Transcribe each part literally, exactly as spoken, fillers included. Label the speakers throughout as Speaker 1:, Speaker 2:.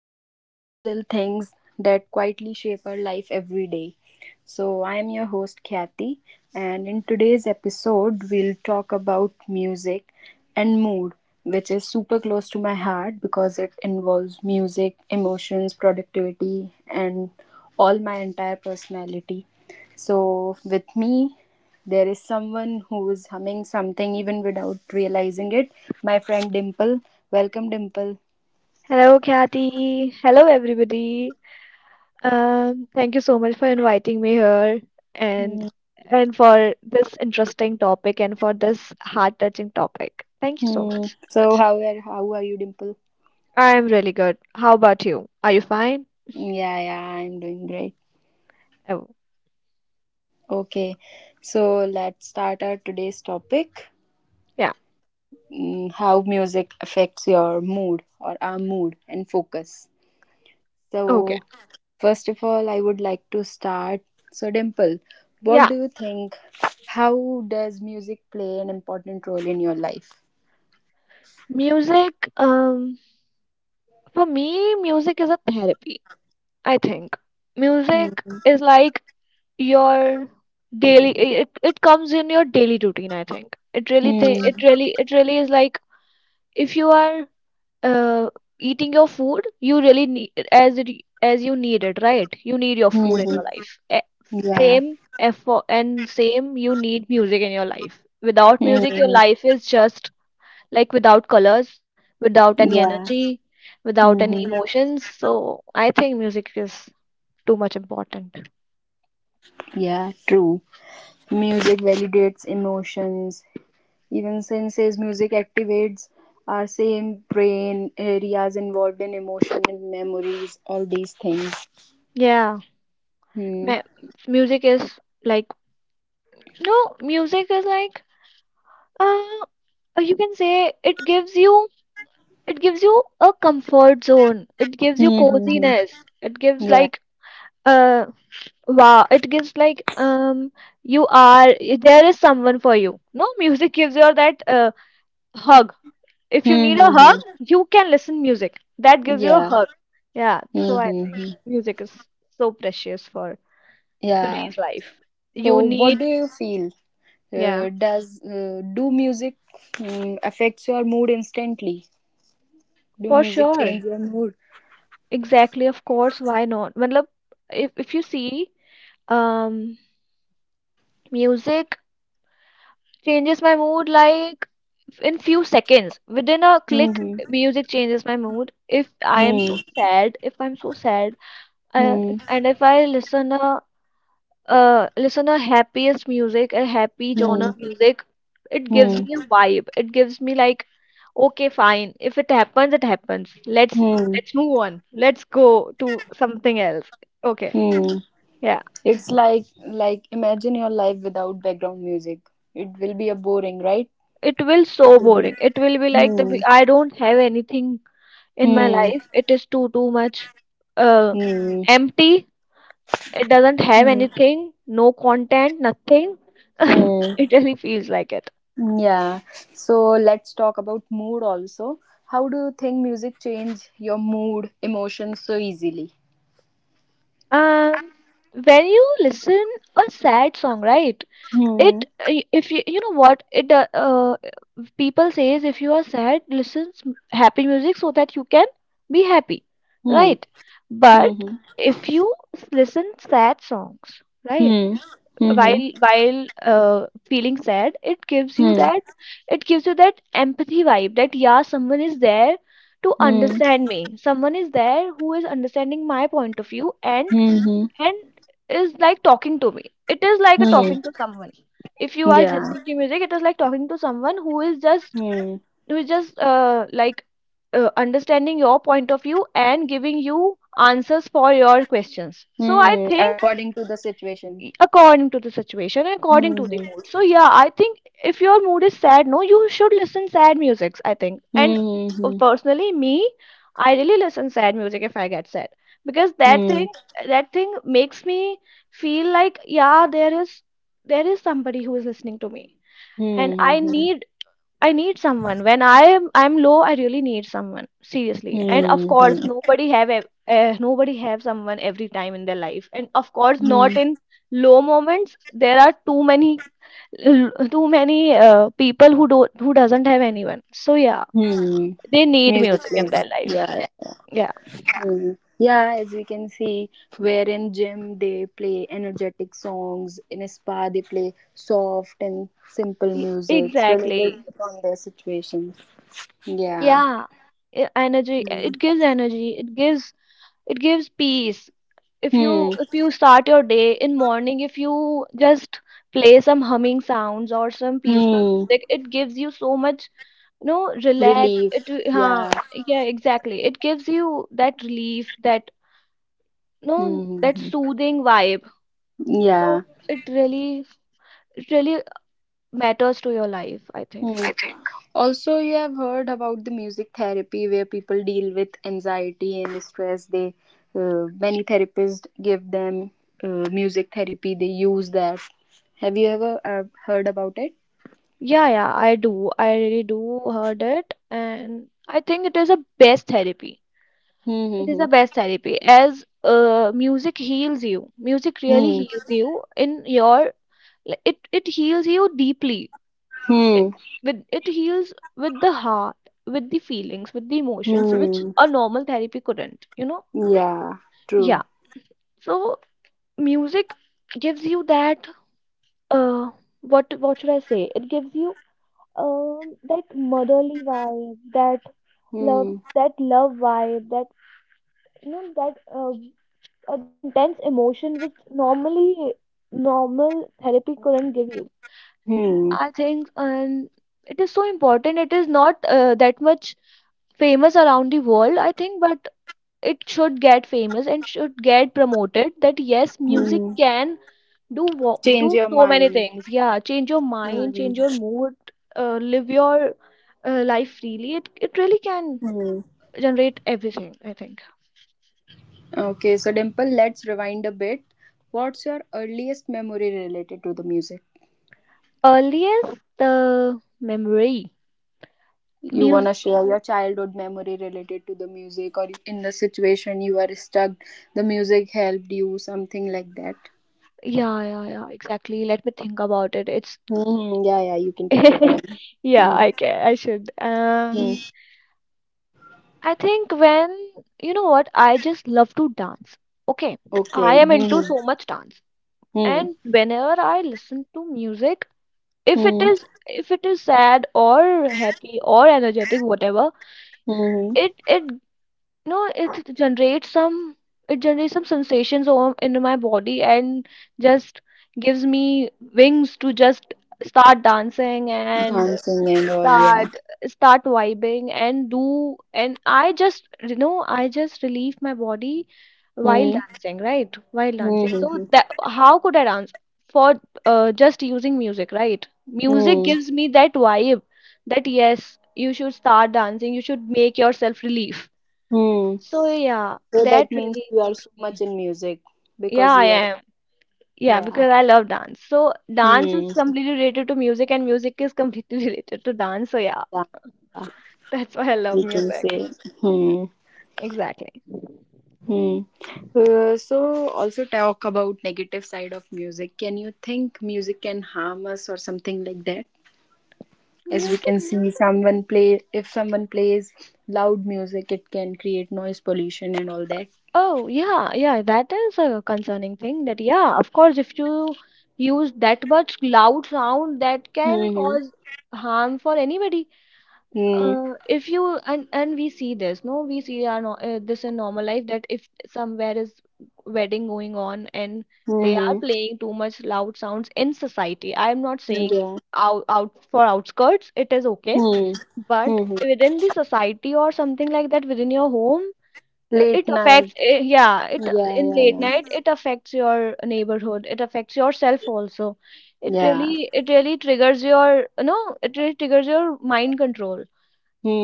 Speaker 1: talk about little things that quietly shape our life every day. So, I am your host, Kathy, and in today's episode, we'll talk about music and mood, which is super close to my heart because it involves music, emotions, productivity, and all my entire personality. So, with me there is someone who is humming something even without realizing it. My friend Dimple. Welcome, Dimple.
Speaker 2: Hello, Kathy. Hello, everybody. Um, thank you so much for inviting me here and
Speaker 1: Hmm.
Speaker 2: and for this interesting topic and for this heart-touching topic. Thank you so
Speaker 1: Hmm.
Speaker 2: much.
Speaker 1: So how are how are you, Dimple?
Speaker 2: I am really good. How about you? Are you fine?
Speaker 1: Yeah, yeah, I'm doing great.
Speaker 2: Oh,
Speaker 1: Okay, so let's start our today's topic.
Speaker 2: yeah.
Speaker 1: mm, How music affects your mood or our mood and focus.
Speaker 2: Okay.
Speaker 1: So, first of all, I would like to start. So, Dimple, what
Speaker 2: Yeah.
Speaker 1: do you think? How does music play an important role in your life?
Speaker 2: Music, um, for me, music is a therapy, I think.
Speaker 1: Mm,
Speaker 2: Music is like your daily, it, it comes in your daily routine, I think. It really, th it
Speaker 1: mm,
Speaker 2: really, it really is like if you are uh, eating your food, you really need as it as you need it, right? You need your food in
Speaker 1: mhm.
Speaker 2: your life. E-
Speaker 1: Yeah.
Speaker 2: same effort, and same, you need music in your life. Without music your
Speaker 1: Mhm.
Speaker 2: life is just like without colors, without any
Speaker 1: Yeah.
Speaker 2: energy, without any
Speaker 1: Mhm.
Speaker 2: emotions. So I think music is too much important.
Speaker 1: Yeah. True. Music validates emotions. Even senses music activates our same brain areas involved in emotion and memories, all these things.
Speaker 2: Yeah.
Speaker 1: Hmm.
Speaker 2: Ma- Music is like, no music is like, uh you can say, it gives you, it gives you a comfort zone, it gives you
Speaker 1: Mm-hmm.
Speaker 2: coziness, it gives
Speaker 1: Yeah.
Speaker 2: like, uh wow, it gives like, um you are, there is someone for you. No Music gives you that uh, hug. If you need a hug,
Speaker 1: Mm-hmm.
Speaker 2: you can listen music, that gives you a
Speaker 1: Yeah.
Speaker 2: hug. Yeah. So I think
Speaker 1: Mm-hmm.
Speaker 2: music is so precious for
Speaker 1: Yeah.
Speaker 2: today's life.
Speaker 1: So,
Speaker 2: You
Speaker 1: what
Speaker 2: need.
Speaker 1: do you feel?
Speaker 2: Yeah,
Speaker 1: Uh, does uh, do music mm affects your mood instantly? Do
Speaker 2: for
Speaker 1: music change
Speaker 2: sure,
Speaker 1: your mood?
Speaker 2: exactly, of course, why not? Matlab, if if you see, um music changes my mood, like in few seconds. Within a click,
Speaker 1: Hmm.
Speaker 2: music changes my mood. If I am
Speaker 1: Hmm.
Speaker 2: so sad, if I'm so sad, uh,
Speaker 1: Hmm.
Speaker 2: and if I listen a uh, listen a happiest music, a happy
Speaker 1: Hmm.
Speaker 2: genre music, it gives
Speaker 1: Hmm.
Speaker 2: me a vibe. It gives me like, okay, fine. If it happens, it happens. Let's
Speaker 1: Hmm.
Speaker 2: let's move on. Let's go to something else. Okay,
Speaker 1: Hmm.
Speaker 2: yeah.
Speaker 1: It's like like imagine your life without background music. It will be a boring, right?
Speaker 2: It will
Speaker 1: It
Speaker 2: so
Speaker 1: will be
Speaker 2: boring. It will be like
Speaker 1: Hmm.
Speaker 2: the I don't have anything in my
Speaker 1: Hmm.
Speaker 2: life. It is too too much, uh,
Speaker 1: Hmm.
Speaker 2: empty. It doesn't have
Speaker 1: Hmm.
Speaker 2: anything, no content, nothing.
Speaker 1: Hmm.
Speaker 2: It really feels like it.
Speaker 1: Yeah. So let's talk about mood also. How do you think music change your mood, emotions so easily?
Speaker 2: Um, when you listen a sad song, right?
Speaker 1: Hmm.
Speaker 2: It i- if you, you know what it do- uh, people say is, if you are sad, listen s- happy music so that you can be happy,
Speaker 1: Hmm.
Speaker 2: right? But
Speaker 1: Hmm.
Speaker 2: if you s- listen sad songs, right?
Speaker 1: Hmm. Hmm.
Speaker 2: while while uh, feeling sad, it gives
Speaker 1: Hmm.
Speaker 2: you
Speaker 1: Hmm.
Speaker 2: that, it gives you that empathy vibe, that yeah, someone is there to
Speaker 1: Hmm.
Speaker 2: understand me, someone is there who is understanding my point of view, and
Speaker 1: Hmm.
Speaker 2: and is like talking to me. It is like a
Speaker 1: Hmm.
Speaker 2: talking to someone. If you are
Speaker 1: Yeah.
Speaker 2: listening to music, it is like talking to someone who is just,
Speaker 1: Hmm.
Speaker 2: who is just uh, like uh, understanding your point of view and giving you answers for your questions. So I
Speaker 1: Hmm.
Speaker 2: think
Speaker 1: According to the situation.
Speaker 2: according to the situation and according to
Speaker 1: Hmm.
Speaker 2: the mood. So yeah, I think if your mood is sad, no, you should listen sad musics, I think. And
Speaker 1: Hmm. Hmm.
Speaker 2: uh, personally, me, I really listen sad music if I get sad, because that
Speaker 1: Hmm.
Speaker 2: thing, that thing makes me feel like yeah, there is, there is somebody who is listening to me. And
Speaker 1: Hmm.
Speaker 2: I
Speaker 1: Hmm.
Speaker 2: need, I need someone. When I am, I'm low, I really need someone. Seriously. And
Speaker 1: Hmm.
Speaker 2: of
Speaker 1: Hmm.
Speaker 2: course,
Speaker 1: Hmm.
Speaker 2: nobody have ev- uh, nobody have someone every time in their life. And of course,
Speaker 1: Hmm.
Speaker 2: not in low moments. There are too many l- too many uh, people who don't, who doesn't have anyone. So yeah,
Speaker 1: Hmm.
Speaker 2: they need
Speaker 1: Music
Speaker 2: music in
Speaker 1: plays.
Speaker 2: their life.
Speaker 1: Yeah. Yeah.
Speaker 2: Yeah.
Speaker 1: Hmm. Yeah, as we can see, where in gym they play energetic songs, in a spa they play soft and simple
Speaker 2: E-
Speaker 1: music related
Speaker 2: Exactly.
Speaker 1: upon their situations. Yeah.
Speaker 2: Yeah. E- Energy. It gives energy. It gives, it gives peace. If
Speaker 1: Hmm.
Speaker 2: you if you start your day in morning, if you just play some humming sounds or some peaceful
Speaker 1: Hmm.
Speaker 2: music, it gives you so much, you know, relax. It
Speaker 1: Relief.
Speaker 2: will- huh,
Speaker 1: Yeah.
Speaker 2: yeah, exactly. It gives you that relief, that no,
Speaker 1: Hmm. Hmm,
Speaker 2: that
Speaker 1: hmm.
Speaker 2: soothing vibe.
Speaker 1: Yeah.
Speaker 2: So it really, it really matters to your life, I
Speaker 1: Hmm.
Speaker 2: think.
Speaker 1: I think. Also, you have heard about the music therapy where people deal with anxiety and stress. They uh, Many therapists give them uh, music therapy. They use that. Have you ever uh, heard about it?
Speaker 2: Yeah, yeah, I do. I really do heard it, and I think it is a best therapy.
Speaker 1: Hmm.
Speaker 2: It is
Speaker 1: Hmm.
Speaker 2: the best therapy as uh, music heals you. Music really
Speaker 1: Hmm.
Speaker 2: heals you in your, like, it it heals you deeply. It,
Speaker 1: Hmm.
Speaker 2: with it heals with the heart, with the feelings, with the
Speaker 1: Hmm.
Speaker 2: emotions, which
Speaker 1: Hmm.
Speaker 2: a normal therapy couldn't, you know?
Speaker 1: Yeah. True.
Speaker 2: Yeah. So music gives you that, uh what what should I say? It gives you, um that motherly vibe, that love,
Speaker 1: Hmm.
Speaker 2: that love vibe, that, you know, that uh, uh, that intense emotion which normally normal therapy couldn't give you.
Speaker 1: Hmm.
Speaker 2: I think. And it is so important. It is not uh, that much famous around the world, I think, but it should get famous and should get promoted. That yes, music
Speaker 1: Hmm.
Speaker 2: can do wo-
Speaker 1: Change
Speaker 2: do
Speaker 1: your
Speaker 2: so many
Speaker 1: mind.
Speaker 2: things. Yeah, change your mind,
Speaker 1: Hmm.
Speaker 2: change your mood, uh, live your uh, life freely. It it really can
Speaker 1: Hmm.
Speaker 2: generate everything, I think.
Speaker 1: Okay. So, Dimple, let's rewind a bit. What's your earliest memory related to the music?
Speaker 2: Earliest the memory.
Speaker 1: You want to share your childhood memory related to the music, or in the situation you are stuck the music helped you, something like that?
Speaker 2: Yeah, yeah, yeah, exactly. Let me think about it. It's
Speaker 1: Hmm. Yeah, yeah, you can take your time.
Speaker 2: yeah,
Speaker 1: Hmm.
Speaker 2: I can, I should. Um,
Speaker 1: Hmm.
Speaker 2: I think when, you know what, I just love to dance. Okay,
Speaker 1: Okay.
Speaker 2: I am into
Speaker 1: Hmm.
Speaker 2: so much dance,
Speaker 1: Hmm.
Speaker 2: and whenever I listen to music, if it
Speaker 1: Hmm.
Speaker 2: is, if it is sad or happy or energetic, whatever,
Speaker 1: Hmm.
Speaker 2: it it No, it generates some, it generates some sensations o- in my body, and just gives me wings to just start dancing, and
Speaker 1: Dancing and all, yeah.
Speaker 2: start start vibing, and do, and I just, you know, I just relieve my body while
Speaker 1: Hmm.
Speaker 2: dancing, right? While
Speaker 1: Hmm.
Speaker 2: dancing. So
Speaker 1: Hmm.
Speaker 2: that, how could I dance for uh, just using music, right? Music
Speaker 1: Hmm. Hmm.
Speaker 2: gives me that vibe, that yes, you should start dancing, you should make yourself relief.
Speaker 1: Hmm.
Speaker 2: So yeah,
Speaker 1: So
Speaker 2: that
Speaker 1: that means
Speaker 2: really
Speaker 1: you are
Speaker 2: makes
Speaker 1: so much
Speaker 2: me.
Speaker 1: in music
Speaker 2: Yeah,
Speaker 1: because
Speaker 2: I
Speaker 1: you are.
Speaker 2: am. Yeah,
Speaker 1: Yeah.
Speaker 2: because I love dance. So dance is
Speaker 1: Hmm.
Speaker 2: completely related to music, and music is completely related to dance. So yeah,
Speaker 1: Yeah, yeah,
Speaker 2: that's why I love
Speaker 1: we can
Speaker 2: music.
Speaker 1: say. Hmm.
Speaker 2: Exactly.
Speaker 1: Hmm. Uh, so also talk about negative side of music. Can you think music can harm us or something like that? As we
Speaker 2: Music.
Speaker 1: can see, someone play if someone plays loud music, it can create noise pollution and all that.
Speaker 2: Oh yeah, yeah. That is a concerning thing. That yeah, of course, if you use that much loud sound, that can
Speaker 1: Mm-hmm.
Speaker 2: cause harm for anybody. Uh,
Speaker 1: Mm-hmm.
Speaker 2: if you, and and we see this, no we see our no, uh, this in normal life, that if somewhere is wedding going on and they are
Speaker 1: Mm-hmm.
Speaker 2: playing too much loud sounds in society, I am not saying
Speaker 1: Yeah.
Speaker 2: out, out for outskirts it is okay,
Speaker 1: Hmm.
Speaker 2: but
Speaker 1: Mm-hmm.
Speaker 2: within the society or something like that, within your home, uh,
Speaker 1: Late
Speaker 2: it affects,
Speaker 1: night.
Speaker 2: uh, yeah, it,
Speaker 1: Yeah,
Speaker 2: in
Speaker 1: yeah,
Speaker 2: late
Speaker 1: yeah.
Speaker 2: night, it affects your neighborhood, it affects yourself also. It
Speaker 1: Yeah.
Speaker 2: really, it really triggers your, you know, it really triggers your mind control.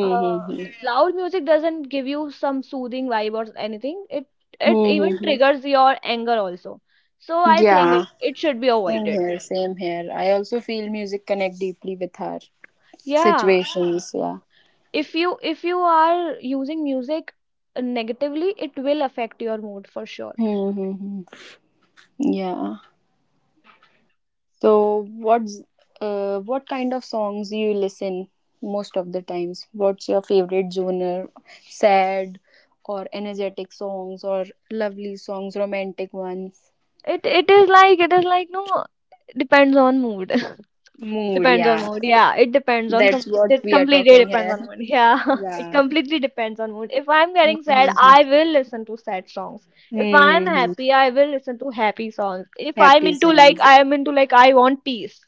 Speaker 2: uh, Loud music doesn't give you some soothing vibe or anything. It it even
Speaker 1: Mm-hmm.
Speaker 2: triggers your anger also. So I think
Speaker 1: Yeah.
Speaker 2: it, it should be
Speaker 1: Same
Speaker 2: avoided.
Speaker 1: here, same here. I also feel music connect deeply with our
Speaker 2: Yeah,
Speaker 1: situations, yeah.
Speaker 2: if you if you are using music negatively, it will affect your mood for sure.
Speaker 1: Mm-hmm. Yeah. So what's uh what kind of songs you listen most of the times? What's your favorite genre? Sad or energetic songs or lovely songs, romantic ones?
Speaker 2: It it is like, it is like, no depends on mood.
Speaker 1: Mood,
Speaker 2: Depends on
Speaker 1: yeah.
Speaker 2: mood. Yeah, it depends on
Speaker 1: That's
Speaker 2: com
Speaker 1: what
Speaker 2: it
Speaker 1: we are
Speaker 2: completely
Speaker 1: talking
Speaker 2: depends
Speaker 1: here.
Speaker 2: on mood. Yeah, it
Speaker 1: Yeah.
Speaker 2: completely depends on mood. If I'm getting sad,
Speaker 1: Mm-hmm.
Speaker 2: I will listen to sad songs. If I'm
Speaker 1: Mm-hmm.
Speaker 2: happy, I will listen to happy songs. If I'm
Speaker 1: Happy
Speaker 2: into like,
Speaker 1: songs.
Speaker 2: I am into like, I want peace.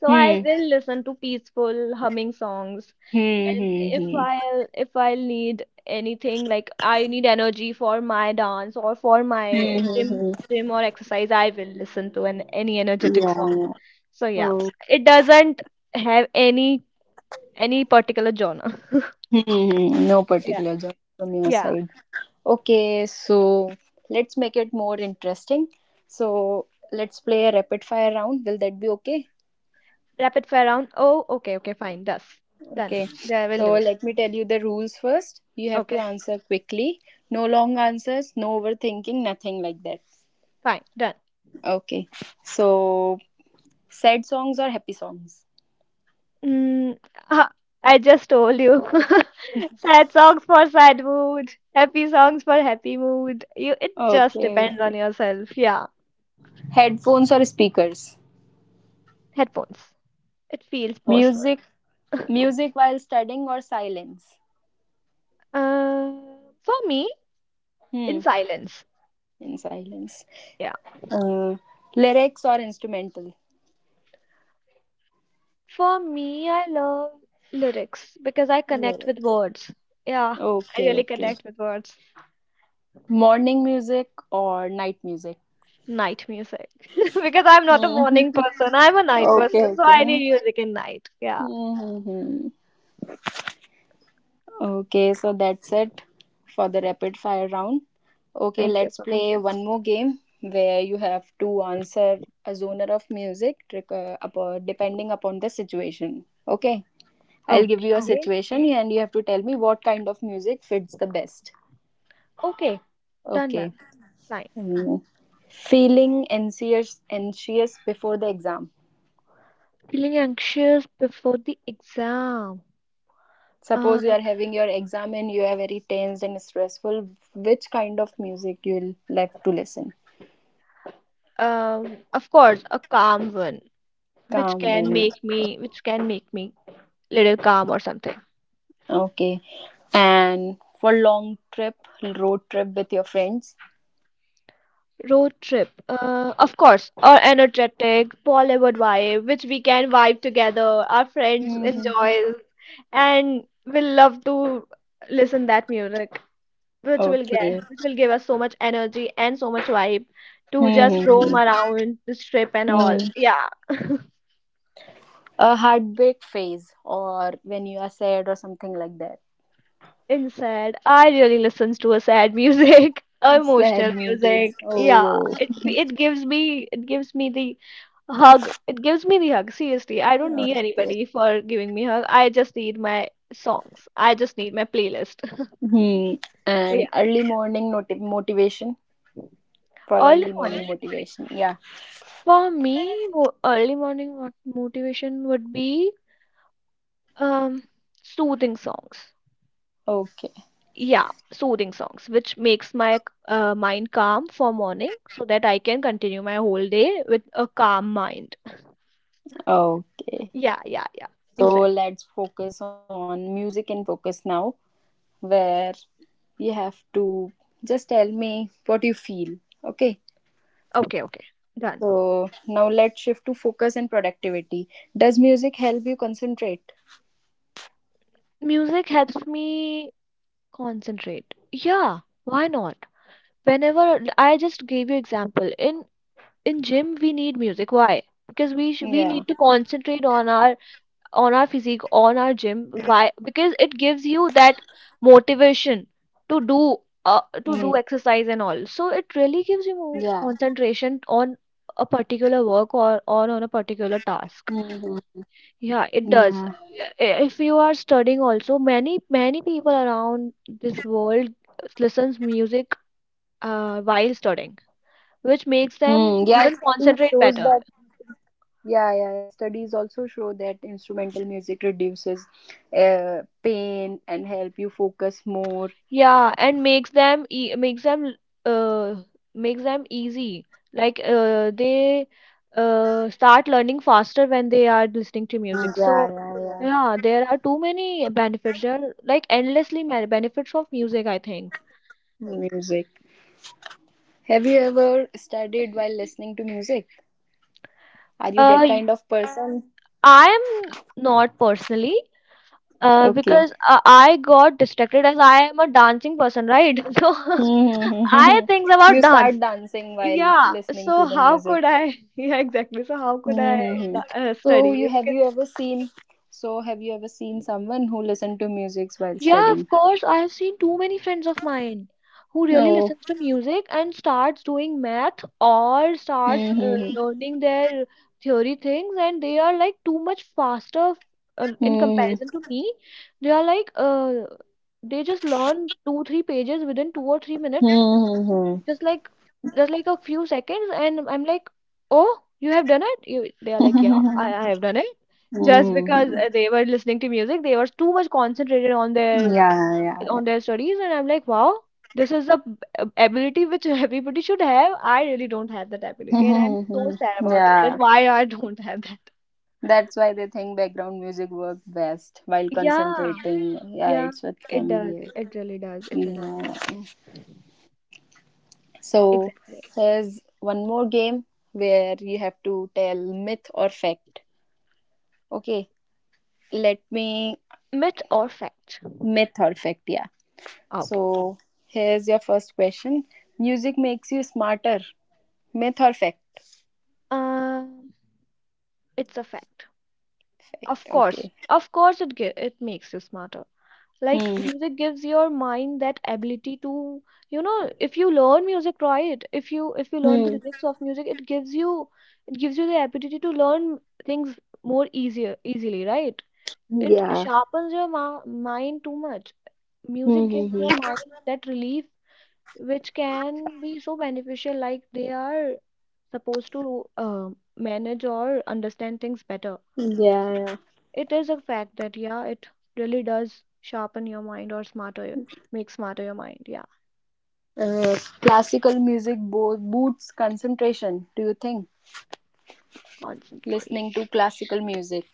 Speaker 2: So I
Speaker 1: Hmm.
Speaker 2: will listen to peaceful humming songs.
Speaker 1: Hmm.
Speaker 2: And
Speaker 1: Hmm.
Speaker 2: if
Speaker 1: Hmm.
Speaker 2: I'll if I'll need anything, like I need energy for my dance or for
Speaker 1: Hmm.
Speaker 2: my
Speaker 1: Hmm,
Speaker 2: gym,
Speaker 1: hmm.
Speaker 2: gym or exercise, I will listen to an any energetic song.
Speaker 1: Yeah.
Speaker 2: So yeah,
Speaker 1: Oh.
Speaker 2: it doesn't have any any particular genre.
Speaker 1: Hmm. Hmm, hmm. No
Speaker 2: Yeah.
Speaker 1: particular genre from your
Speaker 2: Yeah.
Speaker 1: side. Okay, so let's make it more interesting. So let's play a rapid fire round. Will that be okay?
Speaker 2: Rapid fire round. Oh, okay, okay, fine. Thus.
Speaker 1: Okay.
Speaker 2: Done. Yeah, I will
Speaker 1: So
Speaker 2: do it.
Speaker 1: let me tell you the rules first. You have to
Speaker 2: Okay,
Speaker 1: answer quickly. No long answers, no overthinking, nothing like that.
Speaker 2: fine. Done.
Speaker 1: Okay. So sad songs or happy songs?
Speaker 2: Mm, ah, I just told you. Sad songs for sad mood. Happy songs for happy mood. You, it just
Speaker 1: Okay,
Speaker 2: depends on
Speaker 1: okay.
Speaker 2: yourself. Yeah.
Speaker 1: Headphones or speakers?
Speaker 2: Headphones. It feels personal.
Speaker 1: Music music while studying or silence?
Speaker 2: Uh, for me,
Speaker 1: Hmm.
Speaker 2: in silence.
Speaker 1: In silence.
Speaker 2: Yeah.
Speaker 1: Uh, Lyrics or instrumental?
Speaker 2: For me, I love lyrics because I connect with
Speaker 1: Lyrics.
Speaker 2: words. Yeah, I
Speaker 1: Okay,
Speaker 2: really
Speaker 1: okay.
Speaker 2: connect with words.
Speaker 1: Morning music or night music?
Speaker 2: Night music because I'm not a
Speaker 1: Mhm.
Speaker 2: morning person. I'm a night
Speaker 1: Okay,
Speaker 2: person, so
Speaker 1: okay.
Speaker 2: I need music in night. Yeah,
Speaker 1: Mhm. Okay, so that's it for the rapid fire round. Okay,
Speaker 2: thank you
Speaker 1: let's
Speaker 2: so
Speaker 1: play one more game where you have to answer a genre of music trick- uh, upo- depending upon the situation. Okay, I'll give you
Speaker 2: much.
Speaker 1: a
Speaker 2: Okay,
Speaker 1: situation and you have to tell me what kind of music fits the best.
Speaker 2: okay, done, done,
Speaker 1: Okay.
Speaker 2: fine.
Speaker 1: Mm. Feeling anxious anxious before the exam.
Speaker 2: Feeling anxious before the exam. Uh,
Speaker 1: Suppose you are having your exam and you are very tense and stressful, which kind of music you will like to listen?
Speaker 2: um, of course, a calm one, which
Speaker 1: Calm
Speaker 2: can
Speaker 1: one.
Speaker 2: make me, which can make me little calm or something.
Speaker 1: Okay. And for long trip, road trip with your friends?
Speaker 2: Road trip. Uh, of course, our energetic Bollywood vibe, which we can vibe together. Our friends
Speaker 1: Mm-hmm.
Speaker 2: enjoy, and we love to listen that music, which will
Speaker 1: Okay.
Speaker 2: get, which will give us so much energy and so much vibe to just roam
Speaker 1: Mm-hmm.
Speaker 2: around the trip and
Speaker 1: Hmm.
Speaker 2: all. Yeah.
Speaker 1: A heartbreak phase, or when you are sad, or something like that.
Speaker 2: In sad, I really listens to a sad music,
Speaker 1: Sad
Speaker 2: emotional
Speaker 1: music.
Speaker 2: music. Yeah,
Speaker 1: Oh,
Speaker 2: it it gives me, it gives me the hug. It gives me the hug. Seriously, I don't need
Speaker 1: okay.
Speaker 2: anybody for giving me hug. I just need my songs. I just need my playlist.
Speaker 1: Hmm.
Speaker 2: Yeah,
Speaker 1: And early morning noti- motivation for
Speaker 2: early
Speaker 1: early
Speaker 2: morning.
Speaker 1: morning motivation. Yeah.
Speaker 2: For me, mo early morning what motivation would be, um soothing songs.
Speaker 1: Okay.
Speaker 2: Yeah, soothing songs which makes my uh, mind calm for morning so that I can continue my whole day with a calm mind.
Speaker 1: Okay,
Speaker 2: Yeah, yeah, yeah,
Speaker 1: so
Speaker 2: exactly.
Speaker 1: let's focus on music and focus now, where you have to just tell me what you feel. Okay,
Speaker 2: Okay, okay, done.
Speaker 1: so now let's shift to focus and productivity. Does music help you concentrate?
Speaker 2: Music helps me concentrate, yeah, why not? Whenever I just gave you example, in in gym we need music. Why? Because we sh- we need
Speaker 1: Yeah.
Speaker 2: to concentrate on our, on our physique, on our gym. Why? Because it gives you that motivation to do, uh,
Speaker 1: Mm.
Speaker 2: to do exercise and all. So it really gives you more
Speaker 1: Yeah.
Speaker 2: concentration on a particular work, or on on a particular task.
Speaker 1: Hmm.
Speaker 2: Yeah, it
Speaker 1: Yeah.
Speaker 2: does. I- if you are studying also, many many people around this world listens music uh, while studying, which makes them
Speaker 1: Mm. Yeah.
Speaker 2: even
Speaker 1: Studies
Speaker 2: concentrate
Speaker 1: shows
Speaker 2: better.
Speaker 1: that. Yeah, yeah, yeah. Studies also show that instrumental music reduces uh, pain and help you focus more.
Speaker 2: Yeah, and makes them e makes them uh makes them easy. Like uh they uh start learning faster when they are listening to
Speaker 1: Yeah,
Speaker 2: music.
Speaker 1: yeah,
Speaker 2: So
Speaker 1: yeah.
Speaker 2: yeah, there are too many benefits. There are like endlessly many benefits of music, I think.
Speaker 1: Music. Have you ever studied while listening to music? Are you
Speaker 2: Uh,
Speaker 1: that
Speaker 2: y-
Speaker 1: kind of person?
Speaker 2: I am not personally, uh
Speaker 1: Okay.
Speaker 2: because uh, I got distracted as I am a dancing person, right? So I
Speaker 1: You
Speaker 2: think about dance.
Speaker 1: start dancing while
Speaker 2: Yeah,
Speaker 1: listening
Speaker 2: so
Speaker 1: to the
Speaker 2: how
Speaker 1: music.
Speaker 2: could I? Yeah, exactly. So how could I
Speaker 1: Mm-hmm.
Speaker 2: uh,
Speaker 1: So
Speaker 2: study?
Speaker 1: you have
Speaker 2: Because
Speaker 1: you ever seen so have you ever seen someone who listened to music while
Speaker 2: yeah,
Speaker 1: studying?
Speaker 2: of course. I have seen too many friends of mine who really
Speaker 1: Oh.
Speaker 2: listens to music and starts doing math, or starts uh,
Speaker 1: Mm-hmm.
Speaker 2: learning their theory things, and they are like too much faster uh, in comparison
Speaker 1: Mm-hmm.
Speaker 2: to me. They are like uh, they just learn two three pages within two or three minutes. Just like, just like a few seconds, and I'm like, oh, you have done it. You, they are like, yeah I,
Speaker 1: Mm-hmm.
Speaker 2: I have done it, just because
Speaker 1: Mm-hmm.
Speaker 2: uh, they were listening to music, they were too much concentrated on their,
Speaker 1: Yeah, yeah,
Speaker 2: on their studies, and I'm like, wow, this is a b- ab- ability which everybody should have. I really don't have that ability and I'm so
Speaker 1: yeah.
Speaker 2: sad about it, that
Speaker 1: Yeah.
Speaker 2: why I don't have that.
Speaker 1: That's why they think background music works best while
Speaker 2: Yeah,
Speaker 1: concentrating. Yeah,
Speaker 2: yeah,
Speaker 1: it's with
Speaker 2: it does,
Speaker 1: family.
Speaker 2: it really does, it really,
Speaker 1: Yeah. So
Speaker 2: exactly.
Speaker 1: here's one more game where you have to tell myth or fact. Okay, let me
Speaker 2: Myth or fact?
Speaker 1: myth or fact. Yeah.
Speaker 2: Okay.
Speaker 1: So here's your first question. Music makes you smarter. Myth or fact?
Speaker 2: um it's a fact. Of course,
Speaker 1: Okay.
Speaker 2: of course, it gi- it makes you smarter. Like
Speaker 1: Hmm.
Speaker 2: music gives your mind that ability to, you know, if you learn music, right, if you if you learn the
Speaker 1: Hmm.
Speaker 2: lyrics of music, it gives you, it gives you the ability to learn things more easier, easily, right?
Speaker 1: Hmm,
Speaker 2: It
Speaker 1: yeah.
Speaker 2: sharpens your ma mind too much.
Speaker 1: Hmm.
Speaker 2: Music
Speaker 1: Hmm,
Speaker 2: gives your
Speaker 1: hmm.
Speaker 2: mind that relief, which can be so beneficial. Like they are supposed to uh, manage or understand things better.
Speaker 1: Yeah.
Speaker 2: So
Speaker 1: Yeah.
Speaker 2: it is a fact that yeah, it really does sharpen your mind, or smarter your-, make smarter your mind. Yeah,
Speaker 1: Uh, classical music bo- boosts concentration, do you think? Listening to
Speaker 2: concentration.
Speaker 1: classical music.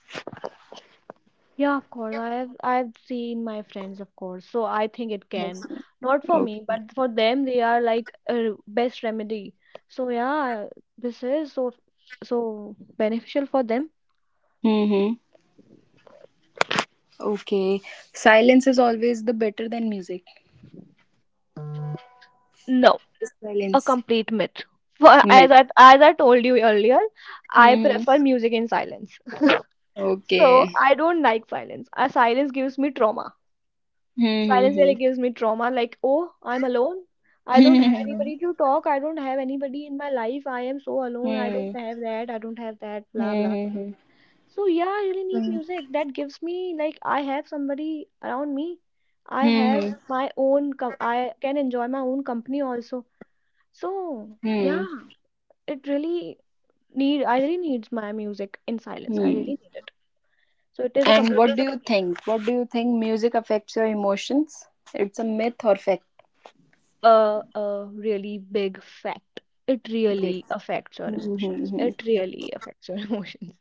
Speaker 2: Yeah, of course. I have I've seen my friends, of course. So I think it can.
Speaker 1: Yes.
Speaker 2: Not for me,
Speaker 1: Okay.
Speaker 2: but for them, they are like a best remedy. So yeah, this is so, so beneficial for them.
Speaker 1: Mm-hmm. Okay. Silence is always the better than music.
Speaker 2: No, a
Speaker 1: Silence.
Speaker 2: complete myth. For, as
Speaker 1: Myth.
Speaker 2: I as I told you earlier, I
Speaker 1: Mm-hmm.
Speaker 2: prefer music in silence. So
Speaker 1: Okay.
Speaker 2: I don't like silence. Uh, silence gives me trauma. Silence really
Speaker 1: Mm-hmm.
Speaker 2: gives me trauma. Like, oh, I'm alone. I don't have anybody to talk. I don't have anybody in my life. I am so alone. I don't
Speaker 1: Hmm.
Speaker 2: have that. I don't have that. Blah blah thing.
Speaker 1: Hmm.
Speaker 2: So yeah, I really need
Speaker 1: Mm-hmm.
Speaker 2: music that gives me like I have somebody around me. I have
Speaker 1: Hmm.
Speaker 2: my own. Com- I can enjoy my own company also. So
Speaker 1: Hmm.
Speaker 2: yeah, it really need. I really needs my music in silence. I
Speaker 1: Hmm.
Speaker 2: really need it. So it is a
Speaker 1: And
Speaker 2: complete.
Speaker 1: what do you
Speaker 2: Yes.
Speaker 1: think? What do you think music affects your emotions? It's a myth or fact?
Speaker 2: A, a really big fact. It
Speaker 1: Wait.
Speaker 2: really affects your emotions. It
Speaker 1: Mhm.
Speaker 2: really affects your emotions.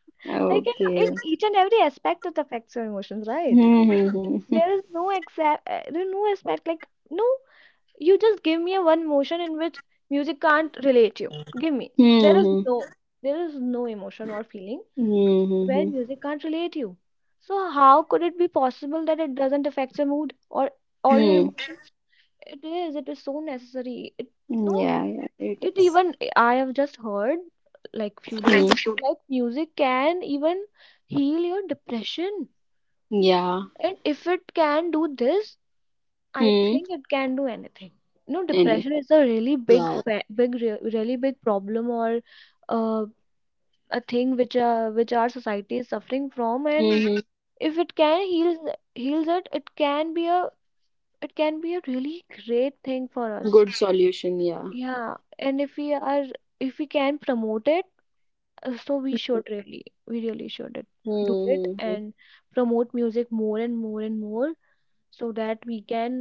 Speaker 2: Like in, in
Speaker 1: Okay.
Speaker 2: each and every aspect, it affects your emotions, right?
Speaker 1: Hmm.
Speaker 2: There is no exact, uh, there is no aspect like no. You just give me a one emotion in which music can't relate you. Give me. There is
Speaker 1: Hmm.
Speaker 2: no, there is no emotion or feeling where
Speaker 1: Hmm.
Speaker 2: music can't relate you. So how could it be possible that it doesn't affect your mood, or or your
Speaker 1: Hmm.
Speaker 2: emotions? It is. It is so necessary. It, no,
Speaker 1: Yeah, yeah, it
Speaker 2: it
Speaker 1: is.
Speaker 2: even, I have just heard like few days
Speaker 1: Hmm.
Speaker 2: before, like music can even heal your depression.
Speaker 1: Yeah.
Speaker 2: And if it can do this, I
Speaker 1: Hmm.
Speaker 2: think it can do anything. You know,
Speaker 1: And it,
Speaker 2: depression is a really big,
Speaker 1: yeah.
Speaker 2: fa- big, re- really big problem, or uh, a thing which uh, which our society is suffering from. And
Speaker 1: Hmm.
Speaker 2: if it can heal heals it, it can be a, it can be a really great thing for us.
Speaker 1: Good solution. Yeah.
Speaker 2: Yeah, and if we are, if we can promote it, Uh, so we should really, we really should it- do it,
Speaker 1: Hmm.
Speaker 2: and promote music more and more and more, so that we can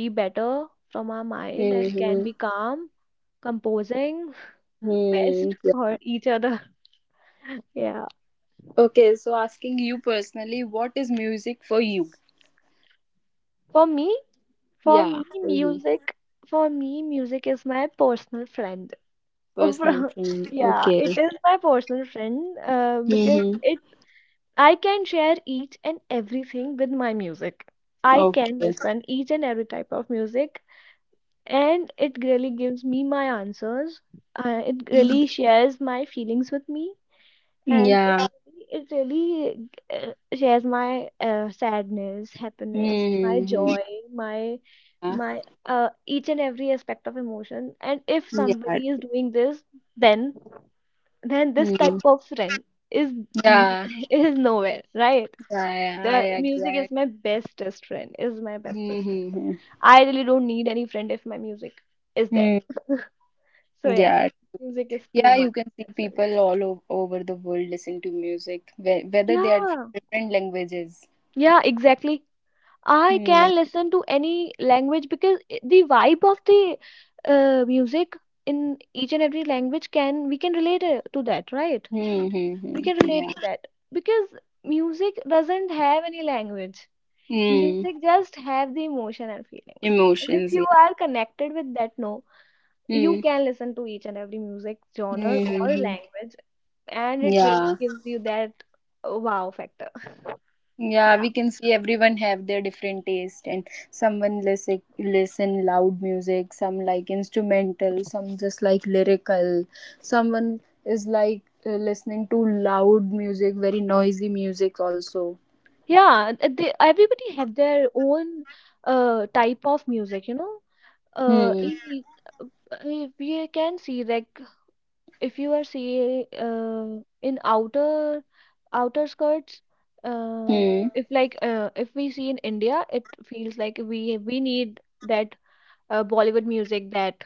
Speaker 2: be better from our mind and can
Speaker 1: Hmm.
Speaker 2: be calm composing.
Speaker 1: Hmm.
Speaker 2: Best for
Speaker 1: Yeah.
Speaker 2: each other, yeah.
Speaker 1: Okay. So, asking you personally, what is music for you?
Speaker 2: For me, for
Speaker 1: Yeah,
Speaker 2: me
Speaker 1: for you,
Speaker 2: music, for me music is my personal friend.
Speaker 1: personal
Speaker 2: Over-,
Speaker 1: friend.
Speaker 2: yeah,
Speaker 1: Okay.
Speaker 2: it is my personal friend, uh, because
Speaker 1: Hmm.
Speaker 2: it, I can share each and everything with my music. I can
Speaker 1: Okay.
Speaker 2: listen each and every type of music, and it really gives me my answers. Uh, it really shares my feelings with me, and it
Speaker 1: Yeah.
Speaker 2: really, it really uh, shares my uh, sadness, happiness, my
Speaker 1: Hmm.
Speaker 2: joy, my
Speaker 1: Yeah.
Speaker 2: my uh, each and every aspect of emotion. And if
Speaker 1: Yeah.
Speaker 2: somebody is doing this, then then this
Speaker 1: Hmm.
Speaker 2: type of friend is
Speaker 1: Yeah.
Speaker 2: is nowhere, right?
Speaker 1: I, I
Speaker 2: The
Speaker 1: agree.
Speaker 2: music
Speaker 1: I agree.
Speaker 2: is my bestest friend. Is my bestest friend.
Speaker 1: Mm-hmm.
Speaker 2: I really don't need any friend if my music is there.
Speaker 1: Mm,
Speaker 2: So yeah,
Speaker 1: yeah,
Speaker 2: music is too
Speaker 1: yeah, you
Speaker 2: much
Speaker 1: can see
Speaker 2: necessary.
Speaker 1: people all o- over the world listen to music, whe- whether they are from
Speaker 2: Yeah,
Speaker 1: different languages.
Speaker 2: yeah, exactly. I
Speaker 1: Hmm.
Speaker 2: can listen to any language, because i- the vibe of the uh, music in each and every language, can we can relate uh, to that, right?
Speaker 1: Hmm. Hmm,
Speaker 2: We
Speaker 1: hmm,
Speaker 2: can relate
Speaker 1: yeah.
Speaker 2: to that because music doesn't have any language.
Speaker 1: Hmm.
Speaker 2: Music just have the emotion and feelings. And if
Speaker 1: Emotions.
Speaker 2: you
Speaker 1: Yeah.
Speaker 2: are connected with that no, you
Speaker 1: Hmm.
Speaker 2: can listen to each and every music genre
Speaker 1: Hmm. Hmm,
Speaker 2: or
Speaker 1: hmm.
Speaker 2: language, and it really
Speaker 1: Yeah.
Speaker 2: gives you that uh, wow factor.
Speaker 1: Yeah,
Speaker 2: Yeah.
Speaker 1: we can see everyone have their different taste, and someone listen listen loud music, some like instrumental, some just like lyrical. Someone is like uh, listening to loud music, very noisy music also.
Speaker 2: Yeah, th- they, everybody have their own uh, type of music, you know. Uh,
Speaker 1: Hmm.
Speaker 2: in, e- uh, we can see like, if you are see uh, in outer outer skirts uh,
Speaker 1: Hmm.
Speaker 2: if like uh, if we see in india, it feels like we we need that uh, Bollywood music, that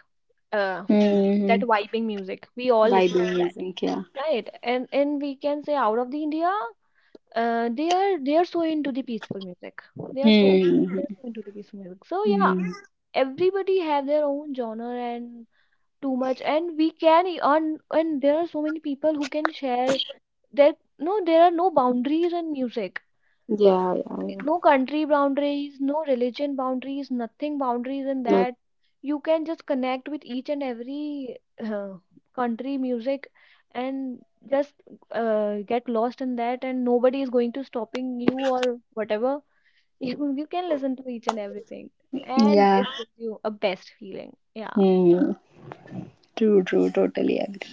Speaker 2: uh,
Speaker 1: Hmm.
Speaker 2: that
Speaker 1: Hmm.
Speaker 2: vibing music, we all listen
Speaker 1: Bible
Speaker 2: to that,
Speaker 1: music. Yeah.
Speaker 2: right. and and we can say out of the India, uh, they are, they are so into the peaceful music, they are so,
Speaker 1: Hmm.
Speaker 2: they're
Speaker 1: Hmm.
Speaker 2: so into the peaceful music. So yeah,
Speaker 1: Hmm.
Speaker 2: everybody have their own genre, and too much, and we can earn, and there are so many people who can share that, no, there are no boundaries in music.
Speaker 1: Yeah. Yeah. Yeah.
Speaker 2: No country boundaries, no religion boundaries, nothing boundaries in
Speaker 1: Not-
Speaker 2: that. You can just connect with each and every uh, country music, and just uh, get lost in that, and nobody is going to stopping you or whatever. you, you can listen to each and everything, and
Speaker 1: yeah.
Speaker 2: it gives you a best feeling, yeah,
Speaker 1: Hmm. True. True. Totally agree.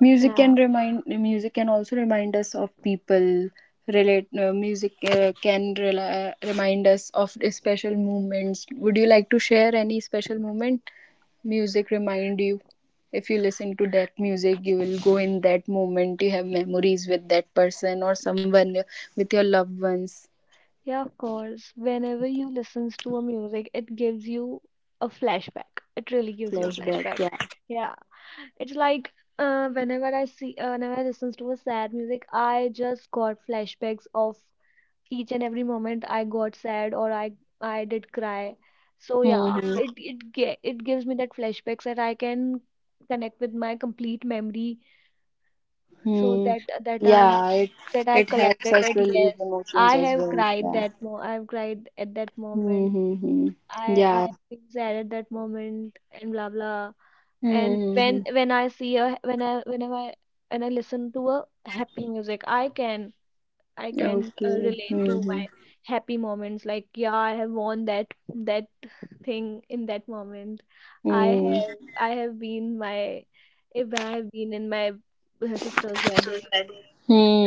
Speaker 1: Music
Speaker 2: yeah.
Speaker 1: can remind music can also remind us of people. Relate uh, Music uh, can rela remind us of the special moments. Would you like to share any special moment? Music remind you. If you listen to that music, you will go in that moment. You have memories with that person or someone uh, with your loved ones.
Speaker 2: Yeah, of course. Whenever you listens to a music, it gives you a flashback. It really gives you a
Speaker 1: Flashback,
Speaker 2: flashback.
Speaker 1: yeah.
Speaker 2: Yeah. It's like uh, whenever I see, uh, whenever I listens to a sad music, I just got flashbacks of each and every moment I got sad, or I I did cry. So yeah,
Speaker 1: Mm-hmm.
Speaker 2: it it ge- it gives me that flashbacks that I can connect with my complete memory, so
Speaker 1: Hmm.
Speaker 2: that, that I
Speaker 1: Yeah,
Speaker 2: have,
Speaker 1: it
Speaker 2: that I've
Speaker 1: it helps
Speaker 2: collected,
Speaker 1: us
Speaker 2: that
Speaker 1: relieve
Speaker 2: yes,
Speaker 1: emotions
Speaker 2: I
Speaker 1: as
Speaker 2: have
Speaker 1: well.
Speaker 2: cried
Speaker 1: Yeah.
Speaker 2: that mo I've cried at that moment.
Speaker 1: Mm-hmm.
Speaker 2: I
Speaker 1: Yeah.
Speaker 2: I've been sad at that moment, and blah blah. And when
Speaker 1: Mhm.
Speaker 2: when I see a, when I, whenever I, when I listen to a happy music, I can, I can uh,
Speaker 1: Okay.
Speaker 2: relate to my
Speaker 1: Mhm.
Speaker 2: happy moments. Like yeah, I have won that, that thing in that moment. I have
Speaker 1: Mhm.
Speaker 2: I have been my, if I have been in my sister's wedding,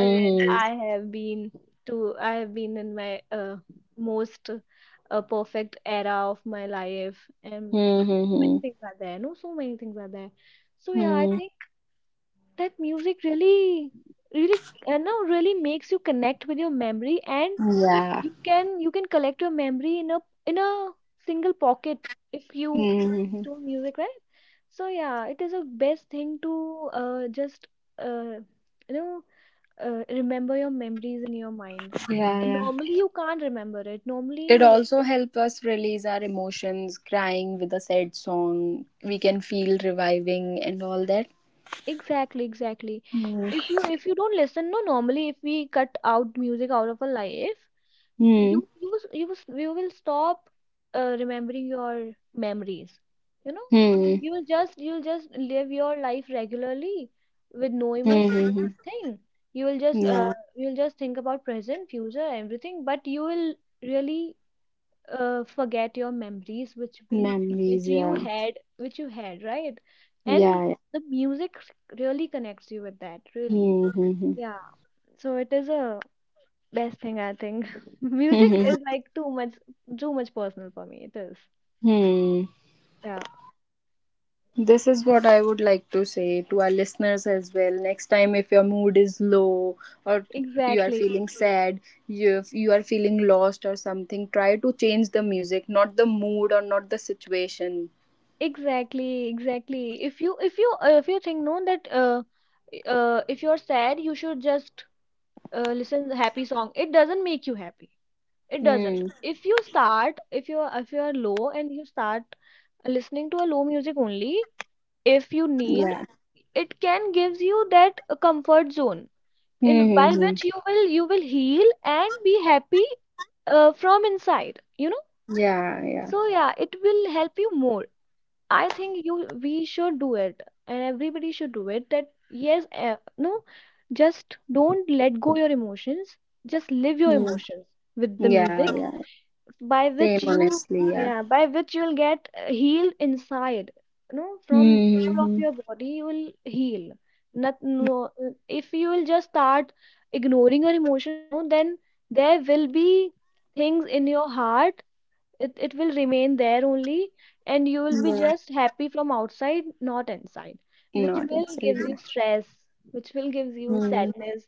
Speaker 2: and I have been to, I have been in my uh, most uh, perfect era of my life, and so many
Speaker 1: Mhm.
Speaker 2: things are there, no, so many things are there. So yeah, I
Speaker 1: Mhm.
Speaker 2: think that music really, really, uh, no really makes you connect with your memory, and
Speaker 1: Yeah.
Speaker 2: you can, you can collect your memory in a, in a single pocket if you listen
Speaker 1: Mhm.
Speaker 2: to music, right. So yeah, it is a best thing to uh, just uh, you know uh, remember your memories in your mind.
Speaker 1: Yeah, yeah.
Speaker 2: Normally you can't remember it
Speaker 1: It
Speaker 2: normally.
Speaker 1: also helps us release our emotions, crying with a sad song. We can feel reviving and all that.
Speaker 2: Exactly, exactly.
Speaker 1: Mm.
Speaker 2: if you if you don't listen, no, normally, if we cut out music out of our life,
Speaker 1: Hmm.
Speaker 2: you, you s- you s- you will stop uh, remembering your memories, you know.
Speaker 1: Hmm.
Speaker 2: You will just, you'll just live your life regularly, with no
Speaker 1: Hmm.
Speaker 2: emotion,
Speaker 1: Hmm, hmm.
Speaker 2: nothing. You will just
Speaker 1: Yeah.
Speaker 2: uh, you'll just think about present, future, everything, but you will really uh, forget your memories, which we,
Speaker 1: Memories.
Speaker 2: which you
Speaker 1: Yeah.
Speaker 2: had, which you had, right. And
Speaker 1: Yeah. Yeah.
Speaker 2: the music really connects you with that, really,
Speaker 1: Hmm. Hmm.
Speaker 2: yeah. So it is a best thing, I think. Music
Speaker 1: Hmm.
Speaker 2: is like too much too much personal for me. It is.
Speaker 1: Hmm.
Speaker 2: Yeah.
Speaker 1: This is what I would like to say to our listeners as well. Next time, if your mood is low or you are
Speaker 2: Exactly.
Speaker 1: feeling sad, you, if you are feeling lost or something, try to change the music, not the mood or not the situation.
Speaker 2: Exactly. Exactly. If you if you uh, if you think no that uh, uh if you're sad you should just uh, listen the happy song. It doesn't make you happy. It doesn't.
Speaker 1: Hmm.
Speaker 2: If you start if you're if you're low and you start listening to a low music only if you need
Speaker 1: Yeah.
Speaker 2: it can gives you that uh, comfort zone in by
Speaker 1: Hmm. Hmm, hmm.
Speaker 2: which you will you will heal and be happy uh, from inside you know.
Speaker 1: Yeah. Yeah.
Speaker 2: So yeah, it will help you more. I think you We should do it, and everybody should do it that yes uh, no just don't let go your emotions, just live your
Speaker 1: Hmm.
Speaker 2: emotions with the
Speaker 1: Yeah.
Speaker 2: music,
Speaker 1: Yeah.
Speaker 2: by
Speaker 1: Same.
Speaker 2: which you,
Speaker 1: Honestly. Yeah.
Speaker 2: yeah, by which you will get uh, healed inside, you know, from
Speaker 1: Hmm. Hmm,
Speaker 2: whole of
Speaker 1: hmm.
Speaker 2: your body you will heal. Not no uh, If you will just start ignoring your emotions, no, then there will be things in your heart. It, it will remain there only, and you will be
Speaker 1: Yeah.
Speaker 2: just happy from outside, not inside, which
Speaker 1: Not
Speaker 2: will
Speaker 1: inside.
Speaker 2: gives
Speaker 1: Yeah.
Speaker 2: you stress, which will gives you
Speaker 1: Hmm.
Speaker 2: sadness,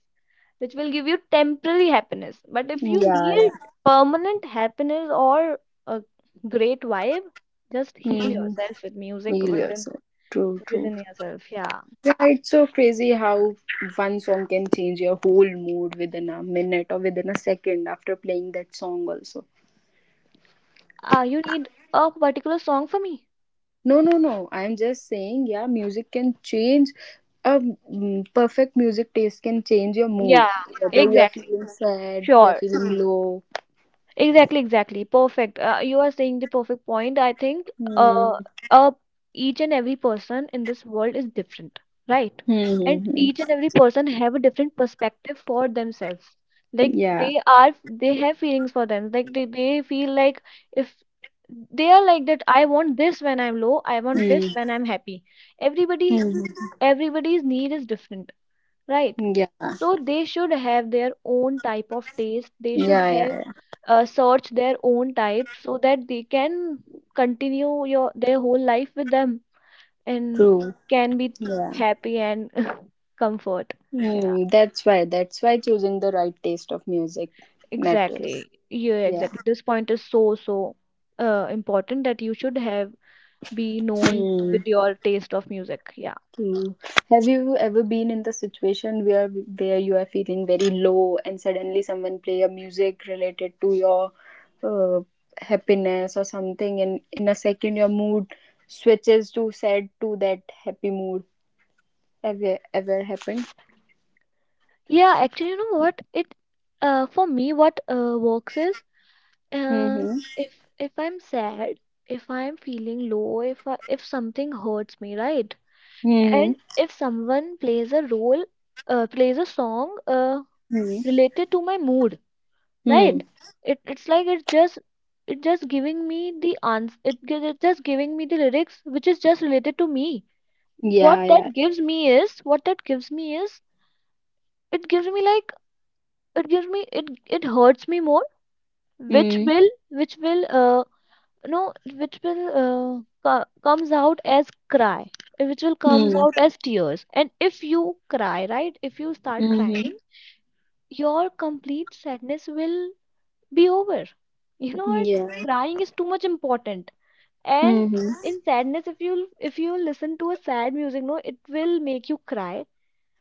Speaker 2: which will give you temporary happiness. But if you
Speaker 1: Yeah.
Speaker 2: need
Speaker 1: Yeah.
Speaker 2: permanent happiness or a great vibe, just
Speaker 1: Hmm.
Speaker 2: heal yourself
Speaker 1: Hmm.
Speaker 2: with music
Speaker 1: Heal
Speaker 2: within,
Speaker 1: yourself. True. True.
Speaker 2: within yourself. Yeah.
Speaker 1: Yeah, it's so crazy how one song can change your whole mood within a minute or within a second after playing that song also.
Speaker 2: Ah, you need a particular song for me.
Speaker 1: No, no, no. I'm just saying, yeah, music can change a mm, perfect music taste can change your
Speaker 2: Yeah,
Speaker 1: mood. Whether you are
Speaker 2: exactly.
Speaker 1: feeling sad, you are
Speaker 2: Sure.
Speaker 1: feeling low.
Speaker 2: Exactly, exactly. Perfect. Uh, you are saying the perfect point. I think,
Speaker 1: Hmm.
Speaker 2: uh, uh, each and every person in this world is different, right?
Speaker 1: Hmm.
Speaker 2: And
Speaker 1: Hmm, hmm.
Speaker 2: each and every person have a different perspective for themselves. Like
Speaker 1: Yeah.
Speaker 2: they are, they have feelings for them. Like they, they feel like if they are like that, I want this when I'm low, I want this when
Speaker 1: Hmm.
Speaker 2: I'm happy. Everybody,
Speaker 1: Hmm.
Speaker 2: everybody's need is different, right?
Speaker 1: Yeah. Yeah.
Speaker 2: So they should have their own type of taste, they should
Speaker 1: Yeah.
Speaker 2: have,
Speaker 1: Yeah.
Speaker 2: uh, search their own type so that they can continue your their whole life with them, and
Speaker 1: True.
Speaker 2: can be
Speaker 1: Yeah.
Speaker 2: happy and comfort, yeah,
Speaker 1: Hmm. That's why. That's why choosing the right taste of music matters.
Speaker 2: exactly, yeah,
Speaker 1: Yeah.
Speaker 2: exactly. This point is so so uh, important, that you should have be known
Speaker 1: Mm,
Speaker 2: with your taste of music. Yeah,
Speaker 1: true. Have you ever been in the situation where where you are feeling very low and suddenly someone play a music related to your uh, happiness or something, and in a second your mood switches to sad to that happy mood? Have you ever happened?
Speaker 2: yeah, actually, you know what it, uh, for me what uh, works is, Um,
Speaker 1: Mm-hmm.
Speaker 2: if if I'm sad, if I'm feeling low, if I, if something hurts me, right?
Speaker 1: Mm-hmm.
Speaker 2: And if someone plays a role, uh, plays a song, uh,
Speaker 1: Mm-hmm.
Speaker 2: related to my mood, right?
Speaker 1: Mm.
Speaker 2: It it's like it just, it just giving me the ans it, gi- it just giving me the lyrics which is just related to me.
Speaker 1: Yeah,
Speaker 2: What
Speaker 1: yeah.
Speaker 2: that gives me is what that gives me is, it gives me like, it gives me, it it hurts me more, which
Speaker 1: Mm.
Speaker 2: will which will uh no which will uh, co- comes out as cry, uh, which will comes
Speaker 1: Mm.
Speaker 2: out as tears. And if you cry, right, if you start crying,
Speaker 1: Mm-hmm.
Speaker 2: your complete sadness will be over. You know what,
Speaker 1: Yeah.
Speaker 2: crying is too much important. And
Speaker 1: Mm-hmm.
Speaker 2: in sadness, if you if you listen to a sad music, no, it will make you cry,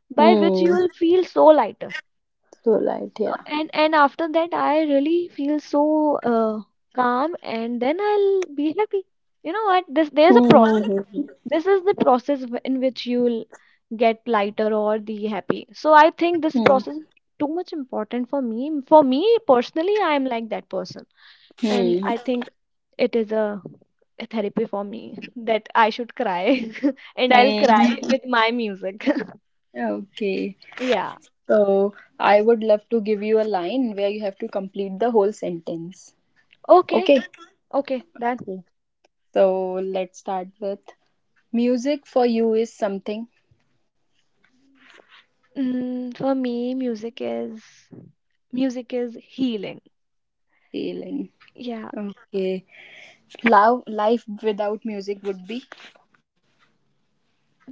Speaker 2: by which you
Speaker 1: Mm.
Speaker 2: will feel so lighter.
Speaker 1: So light,
Speaker 2: So,
Speaker 1: yeah.
Speaker 2: and and after that I really feel so uh, calm, and then I'll be happy. You know what, this there's a process.
Speaker 1: Mm-hmm.
Speaker 2: This is the process w- in which you'll get lighter or the happy. So I think this process is too much important for me, for me personally. I am like that person, and
Speaker 1: Mm-hmm.
Speaker 2: I think it is a, a therapy for me, that I should cry and I'll cry
Speaker 1: Mhm.
Speaker 2: with my music.
Speaker 1: Okay.
Speaker 2: Yeah.
Speaker 1: So I would love to give you a line where you have to complete the whole sentence.
Speaker 2: Okay.
Speaker 1: Okay.
Speaker 2: Okay then.
Speaker 1: Okay. So let's start with music for you is something
Speaker 2: Mm, for me music is, music is healing.
Speaker 1: alien.
Speaker 2: Yeah.
Speaker 1: Okay. Love life without music would be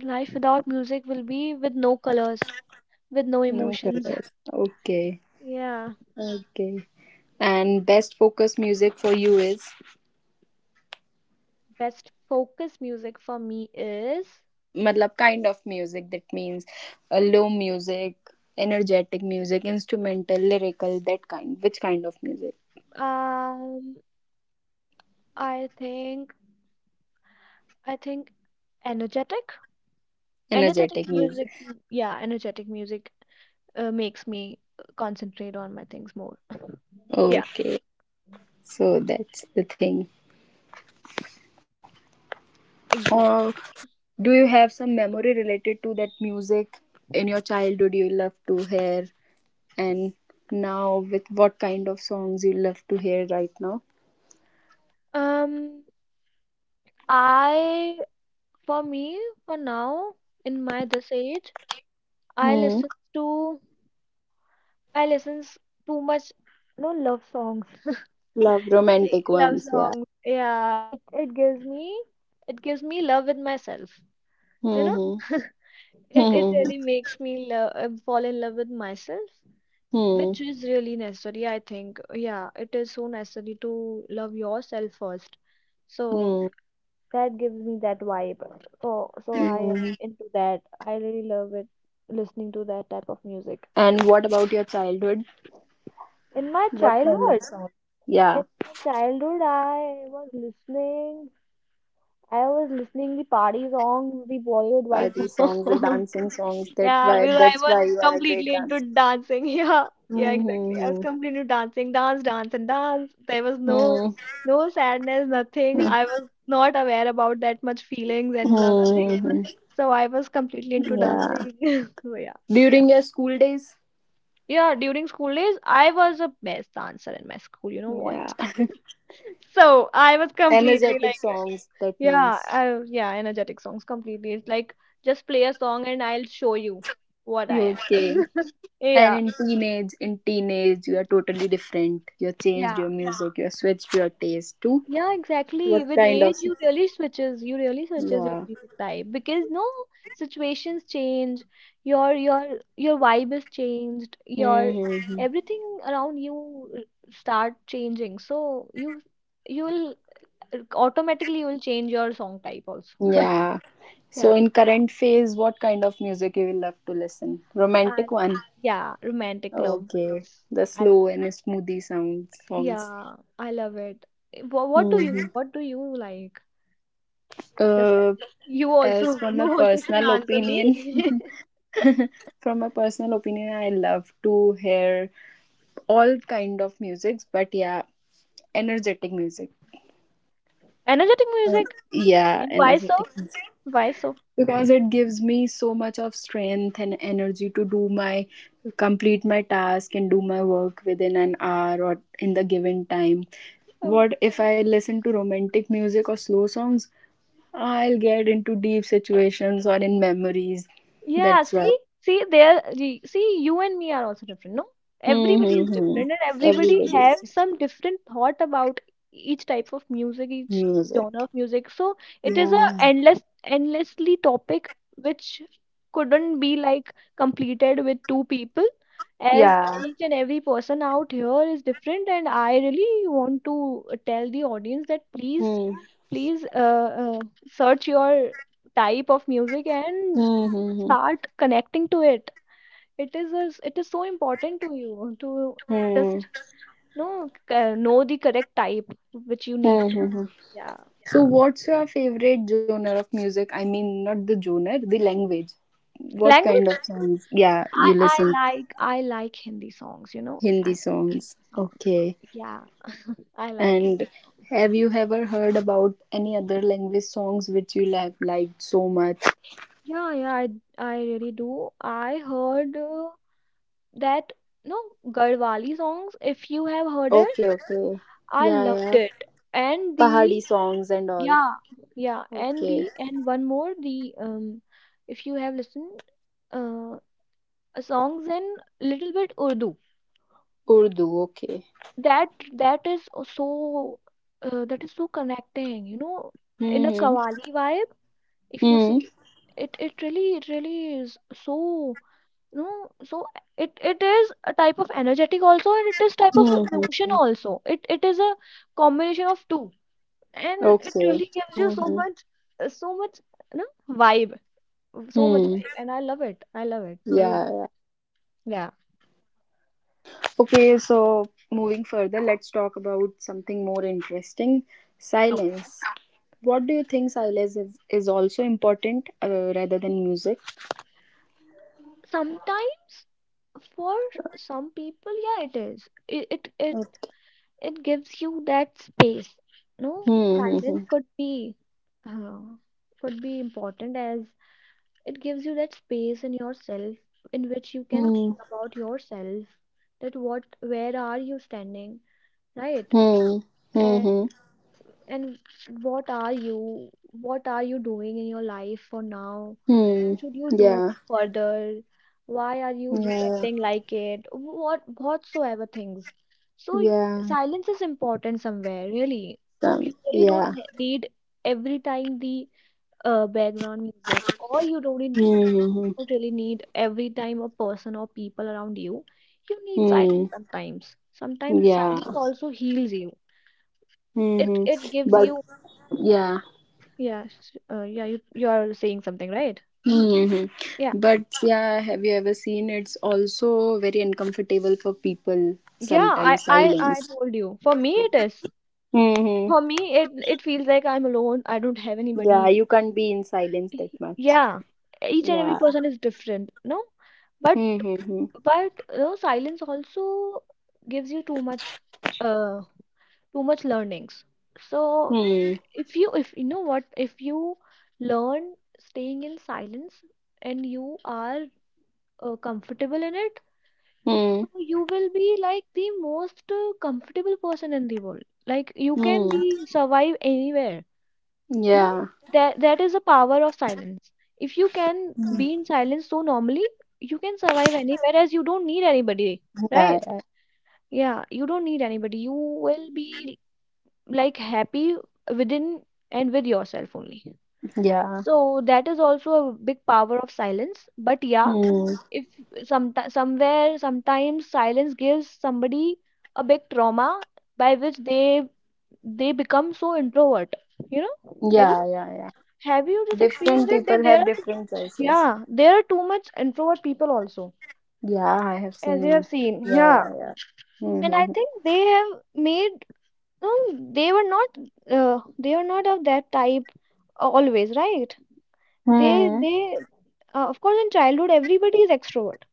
Speaker 2: Life without music will be with no colors, with no
Speaker 1: no
Speaker 2: emotions.
Speaker 1: colors. Okay.
Speaker 2: Yeah.
Speaker 1: Okay. And best focus music for you is
Speaker 2: Best focus music for me is,
Speaker 1: matlab kind of music that means uh, low music energetic music instrumental lyrical that kind which kind of music
Speaker 2: um I think, I think energetic. Energetic
Speaker 1: energetic
Speaker 2: music,
Speaker 1: music.
Speaker 2: yeah, energetic music uh, makes me concentrate on my things more. Yeah,
Speaker 1: Okay, so that's the thing, or
Speaker 2: exactly.
Speaker 1: do you have some memory related to that music in your childhood you love to hear, and now with what kind of songs you love to hear right now?
Speaker 2: Um, I, for me, for now, in my this age, I
Speaker 1: Hmm.
Speaker 2: listen to, I listens too much, no, love songs.
Speaker 1: Love
Speaker 2: Eh,
Speaker 1: romantic
Speaker 2: love
Speaker 1: ones, yeah.
Speaker 2: songs. Yeah, it it gives me, it gives me love with myself. You know,
Speaker 1: Mm-hmm.
Speaker 2: it it
Speaker 1: Hmm.
Speaker 2: really makes me love, uh, fall in love with myself,
Speaker 1: Hmm.
Speaker 2: which is really necessary, I think. Yeah, it is so necessary to love yourself first. So that gives me that vibe. So so I am
Speaker 1: Hmm.
Speaker 2: into that. I really love it, listening to that type of music.
Speaker 1: And what about your childhood?
Speaker 2: In my
Speaker 1: What kind of
Speaker 2: childhood,
Speaker 1: song?
Speaker 2: in
Speaker 1: Yeah,
Speaker 2: my childhood, I was listening. I was listening the party songs, the Bollywood
Speaker 1: party songs, the
Speaker 2: vibes.
Speaker 1: dancing songs. That
Speaker 2: Yeah,
Speaker 1: why
Speaker 2: because I
Speaker 1: that's
Speaker 2: was
Speaker 1: why you are a great
Speaker 2: completely into
Speaker 1: dancer.
Speaker 2: dancing. Yeah, yeah, exactly. I
Speaker 1: Mm-hmm.
Speaker 2: was completely into dancing, dance, dance, and dance. There was no, no sadness, nothing. I was not aware about that much feelings and blah blah things.
Speaker 1: Mm-hmm. Hmm.
Speaker 2: So I was completely into
Speaker 1: Yeah.
Speaker 2: dancing. So yeah,
Speaker 1: During your school days?
Speaker 2: yeah. During school days, I was a best dancer in my school. You know what?
Speaker 1: Yeah.
Speaker 2: So I was completely
Speaker 1: Energetic
Speaker 2: like,
Speaker 1: songs, that
Speaker 2: yeah,
Speaker 1: means.
Speaker 2: I, yeah, energetic songs completely. It's like just play a song and I'll show you what I am.
Speaker 1: Okay. And
Speaker 2: Yeah.
Speaker 1: in teenage, in teenage, you are totally different. You have changed
Speaker 2: Yeah,
Speaker 1: your music. You have switched your taste to
Speaker 2: yeah,
Speaker 1: what
Speaker 2: exactly. With
Speaker 1: kind of,
Speaker 2: age, you really switches, you really switches your
Speaker 1: yeah.
Speaker 2: music type because no, situations change, your your your vibe is changed, your
Speaker 1: Hmm.
Speaker 2: everything around you uh, start changing. So you, you'll uh, automatically you will change your song type also.
Speaker 1: Yeah.
Speaker 2: Yeah,
Speaker 1: So in current phase, what kind of music you will love to listen? Romantic
Speaker 2: and
Speaker 1: one.
Speaker 2: yeah, romantic love
Speaker 1: Okay.
Speaker 2: ones.
Speaker 1: The
Speaker 2: I,
Speaker 1: slow and smoothie sound songs.
Speaker 2: yeah, I love it. What, what do you
Speaker 1: Hmm.
Speaker 2: what do you like? Just tell
Speaker 1: Uh,
Speaker 2: me. You
Speaker 1: as
Speaker 2: also,
Speaker 1: from
Speaker 2: you
Speaker 1: my
Speaker 2: also should
Speaker 1: personal
Speaker 2: answer
Speaker 1: opinion,
Speaker 2: me.
Speaker 1: from my personal opinion, I love to hear all kind of musics, but yeah, energetic music.
Speaker 2: Energetic
Speaker 1: Uh,
Speaker 2: music.
Speaker 1: yeah,
Speaker 2: And why so?
Speaker 1: energetic music.
Speaker 2: Why so?
Speaker 1: Because it gives me so much of strength and energy to do my complete my task and do my work within an hour or in the given time. What if I listen to romantic music or slow songs? I'll get into deep situations or in memories.
Speaker 2: Yeah,
Speaker 1: That's why.
Speaker 2: see, see, there, y- see, you and me are also different, no? Everybody is
Speaker 1: Mm-hmm.
Speaker 2: different, and everybody
Speaker 1: Everybody's
Speaker 2: have some different thought about each type of music, each
Speaker 1: music.
Speaker 2: genre of music. So it is
Speaker 1: Yeah,
Speaker 2: a
Speaker 1: yeah,
Speaker 2: endless, endlessly topic which couldn't be like completed with two people, as
Speaker 1: yeah.
Speaker 2: each and every person out here is different. And I really want to tell the audience that please,
Speaker 1: Mm-hmm.
Speaker 2: please, uh, uh search your type of music and
Speaker 1: Mm-hmm.
Speaker 2: start connecting to it. It is a, it is so important to you to just know, uh, know the correct type which you need to
Speaker 1: Mm-hmm.
Speaker 2: listen. Yeah,
Speaker 1: So, what's your favorite genre of music? I mean, not the genre, the language. What kind
Speaker 2: language.
Speaker 1: of songs? Yeah,
Speaker 2: i
Speaker 1: you
Speaker 2: i
Speaker 1: listen.
Speaker 2: like I like hindi songs, you know, I
Speaker 1: Hindi
Speaker 2: like
Speaker 1: songs.
Speaker 2: hindi songs,
Speaker 1: Okay.
Speaker 2: yeah, I like hindi
Speaker 1: And
Speaker 2: songs.
Speaker 1: have you ever heard about any other language songs which you have liked so much?
Speaker 2: yeah yeah i, I really do. I heard uh, that no Garhwali songs, if you have heard it,
Speaker 1: Okay, okay.
Speaker 2: I
Speaker 1: Yeah,
Speaker 2: loved
Speaker 1: yeah.
Speaker 2: it. And
Speaker 1: Pahadi
Speaker 2: the,
Speaker 1: songs and all.
Speaker 2: yeah, yeah, and
Speaker 1: Okay.
Speaker 2: the, and one more the, um, if you have listened, uh, songs in little bit Urdu,
Speaker 1: Urdu, okay.
Speaker 2: that that is so uh, that is so connecting. You know, in a
Speaker 1: Mm-hmm.
Speaker 2: Qawwali vibe, if you
Speaker 1: Mm-hmm.
Speaker 2: see, it, it really, it really is so, you know, so it it is a type of energetic also, and it is type of emotion
Speaker 1: Mm-hmm.
Speaker 2: also. It it is a combination of two. And it
Speaker 1: Okay.
Speaker 2: really gives you so
Speaker 1: Mm-hmm.
Speaker 2: much, uh, so much, you know, vibe, so much
Speaker 1: Hmm.
Speaker 2: vibe, and I love it, I love it, I l-
Speaker 1: Yeah, yeah.
Speaker 2: yeah.
Speaker 1: Okay, so moving further, let's talk about something more interesting,
Speaker 2: Okay.
Speaker 1: silence. What do you think silence is, is also important uh, rather than music?
Speaker 2: Sometimes, for some people, yeah, it is, it it it,
Speaker 1: Uh,
Speaker 2: it gives you that space, no, silence
Speaker 1: Hmm,
Speaker 2: could be uh, could be important as it gives you that space in yourself, in which you can
Speaker 1: hmm, hmm,
Speaker 2: think about yourself, that what, where are you standing, right,
Speaker 1: hmm, hmm, hmm,
Speaker 2: and what are you, what are you doing in your life for now, what
Speaker 1: hmm.
Speaker 2: should you do
Speaker 1: Yeah,
Speaker 2: further, why are you
Speaker 1: yeah,
Speaker 2: reacting like it, what whatsoever things. so y-
Speaker 1: yeah,
Speaker 2: Silence is important somewhere, really.
Speaker 1: um,
Speaker 2: You really don't
Speaker 1: yeah,
Speaker 2: he- need every time the uh, background music, or you don't need,
Speaker 1: hmm,
Speaker 2: you
Speaker 1: hmm,
Speaker 2: don't really need every time a person or people around you. You need
Speaker 1: hmm, hmm.
Speaker 2: silence sometimes. Sometimes
Speaker 1: Yeah,
Speaker 2: silence also heals you.
Speaker 1: hmm,
Speaker 2: it
Speaker 1: hmm.
Speaker 2: it gives
Speaker 1: But
Speaker 2: you,
Speaker 1: yeah.
Speaker 2: yeah, sh- uh, yeah, you you are saying something, right?
Speaker 1: Hmm.
Speaker 2: Yeah.
Speaker 1: But yeah, have you ever seen it's also very uncomfortable for people
Speaker 2: Yeah, I,
Speaker 1: sometimes
Speaker 2: I
Speaker 1: silence.
Speaker 2: I told you. For me it is.
Speaker 1: Hmm.
Speaker 2: For me it it feels like I'm alone. I don't have
Speaker 1: Yeah,
Speaker 2: anybody.
Speaker 1: you can't be in silence
Speaker 2: Y-
Speaker 1: that much.
Speaker 2: Yeah. Each and every
Speaker 1: Yeah.
Speaker 2: person is different, no? But
Speaker 1: Mm-hmm.
Speaker 2: but you know, silence also gives you too much uh too much learnings. So
Speaker 1: Hmm.
Speaker 2: if you if you know what, if you learn staying in silence, and you are uh, comfortable in it,
Speaker 1: Hmm.
Speaker 2: so you will be like the most uh, comfortable person in the world. Like you can
Speaker 1: Hmm.
Speaker 2: be survive anywhere. You know,
Speaker 1: Yeah.
Speaker 2: that that is the power of silence. If you can be in silence so normally, you can survive anywhere as you don't need anybody,
Speaker 1: Yeah.
Speaker 2: right?
Speaker 1: Yeah.
Speaker 2: Yeah, you don't need anybody. You will be like happy within and with yourself only.
Speaker 1: Yeah.
Speaker 2: So that is also a big power of silence. But yeah,
Speaker 1: Hmm.
Speaker 2: if some somewhere sometimes silence gives somebody a big trauma by which they they become so introvert. You know have you
Speaker 1: Yeah. Yeah. Yeah.
Speaker 2: have you just
Speaker 1: Different
Speaker 2: experienced it that
Speaker 1: people
Speaker 2: there
Speaker 1: have
Speaker 2: are too,
Speaker 1: different
Speaker 2: much,
Speaker 1: choices.
Speaker 2: yeah there are too much introvert people also,
Speaker 1: Yeah, I have
Speaker 2: as you have
Speaker 1: seen.
Speaker 2: seen,
Speaker 1: Yeah.
Speaker 2: yeah.
Speaker 1: Yeah. Yeah.
Speaker 2: And I
Speaker 1: Mm-hmm.
Speaker 2: think they have made, no, they were not, uh, they are not of that type always, right? they
Speaker 1: Hmm.
Speaker 2: they uh, Of course in childhood everybody is extrovert,